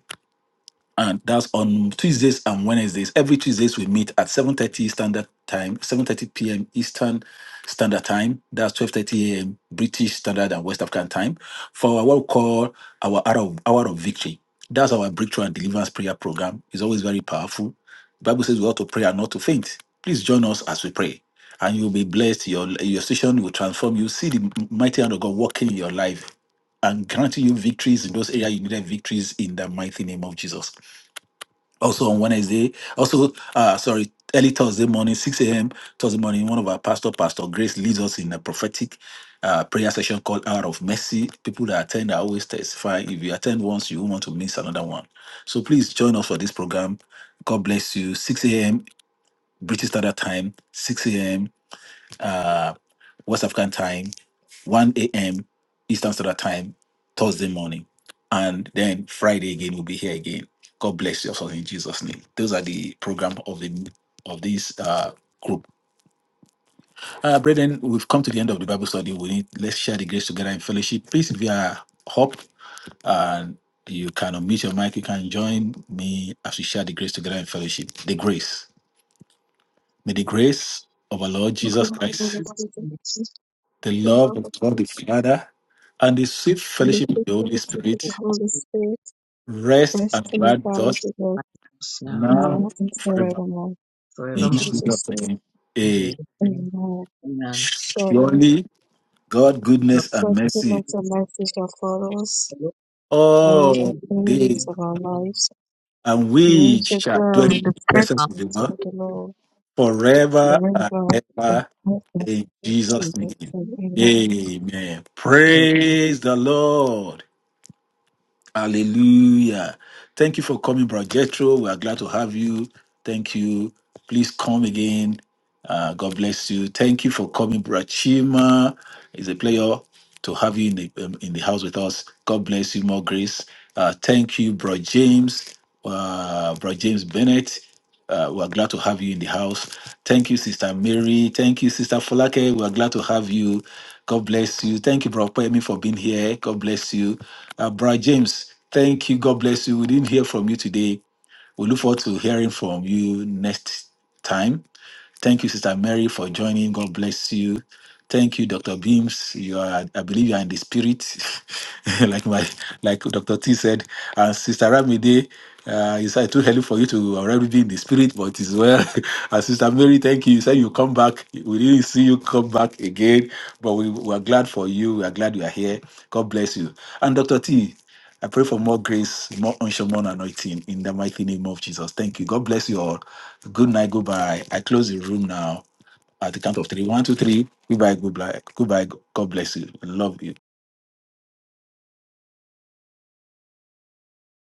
Speaker 5: and that's on Tuesdays and Wednesdays. Every Tuesdays we meet at 7:30 standard time, 7:30 p.m. Eastern Standard Time. That's 12:30 a.m. British Standard and West African Time for what we call our hour of, hour of victory. That's our breakthrough and deliverance prayer program. It's always very powerful. The Bible says we ought to pray and not to faint. Please join us as we pray, and you'll be blessed. Your your station will transform. You see the mighty hand of God working in your life and granting you victories in those areas you needed victories in the mighty name of Jesus also on Wednesday. Also, uh, sorry, early Thursday morning, 6 a.m. Thursday morning, one of our pastor, Pastor Grace, leads us in a prophetic uh, prayer session called Hour of Mercy. People that attend are always testifying. If you attend once, you won't want to miss another one. So please join us for this program. God bless you. 6 a.m. British Standard Time, 6 a.m uh, West African time, 1 a.m. Eastern Standard Time, Thursday morning. And then Friday again, we'll be here again. God bless you all in Jesus' name. Those are the program of the of this uh, group. Uh, brethren, we've come to the end of the Bible study. We need let's share the grace together in fellowship. Please, if you are hope and you can unmute your mic, you can join me as we share the grace together in fellowship. The grace. May the grace of our Lord Jesus
Speaker 9: Good God
Speaker 5: Christ
Speaker 9: of
Speaker 4: Jesus
Speaker 9: Jesus, the
Speaker 4: Christ,
Speaker 5: the love
Speaker 9: love of
Speaker 5: of God
Speaker 9: God,
Speaker 5: the Father, and the sweet
Speaker 9: and the
Speaker 5: fellowship of the Holy
Speaker 9: faithfulness of
Speaker 4: who
Speaker 9: the
Speaker 5: Spirit
Speaker 4: is
Speaker 9: Holy Spirit,
Speaker 5: rest
Speaker 9: rest
Speaker 5: and
Speaker 9: and
Speaker 5: abide with
Speaker 9: abide
Speaker 5: us
Speaker 9: with us
Speaker 4: with us now,
Speaker 5: now
Speaker 9: now
Speaker 5: and
Speaker 9: and
Speaker 5: forever.
Speaker 9: forevermore. In
Speaker 5: In
Speaker 4: forevermore.
Speaker 5: Jesus'
Speaker 9: Jesus' name,
Speaker 5: name.
Speaker 4: In
Speaker 5: Amen.
Speaker 4: Jesus' name,
Speaker 9: amen.
Speaker 4: amen.
Speaker 9: Surely,
Speaker 5: Surely God,
Speaker 4: Lord,
Speaker 5: goodness, and
Speaker 9: God's
Speaker 4: thank
Speaker 5: mercy
Speaker 9: goodness and mercy shall follow us
Speaker 4: you
Speaker 9: all
Speaker 4: for
Speaker 9: the
Speaker 5: all
Speaker 4: your day.
Speaker 5: days,
Speaker 9: days of our
Speaker 4: Amen.
Speaker 9: lives,
Speaker 5: and
Speaker 9: and we
Speaker 5: we
Speaker 9: shall
Speaker 5: shall dwell
Speaker 9: dwell in
Speaker 5: in
Speaker 9: the
Speaker 5: the
Speaker 9: presence
Speaker 5: presence of the Lord
Speaker 9: of the
Speaker 4: Hallelujah.
Speaker 9: Lord
Speaker 5: forever and
Speaker 9: forever. and
Speaker 5: ever.
Speaker 9: ever.
Speaker 5: In
Speaker 9: In
Speaker 5: Jesus'
Speaker 9: Jesus'
Speaker 5: name.
Speaker 9: name, amen.
Speaker 5: Amen.
Speaker 4: Amen.
Speaker 5: Praise the Lord. Hallelujah. Thank you for coming, Brother Jethro. We are glad to have you. Thank you. Please come again. Uh, God bless you. Thank you for coming, Brother Chima. It's a player to have you in the um, in the house with us. God bless you, more grace. Uh, thank you, Bro James, uh, Bro James Bennett. Uh, we're glad to have you in the house. Thank you, Sister Mary. Thank you, Sister Folake. We're glad to have you. God bless you. Thank you, Bro Pemi, for being here. God bless you. Uh, Bro James, thank you. God bless you. We didn't hear from you today. We look forward to hearing from you next time. Thank you, Sister Mary, for joining. God bless you. Thank you, Dr. Beams. You are, I believe you are in the spirit, like my, like Dr. T said. And Sister Ramide, uh, it's uh, too early for you to already be in the spirit, but it's well. and Sister Mary, thank you. You said you come back. We didn't see you come back again, but we, we are glad for you. We are glad you are here. God bless you. And Dr. T, I pray for more grace, more unction, more anointing in the mighty name of Jesus. Thank you. God bless you all. Good night. Goodbye. I close the room now. At the count of three, one, two, three. Goodbye, goodbye. Goodbye. God bless you. Love you.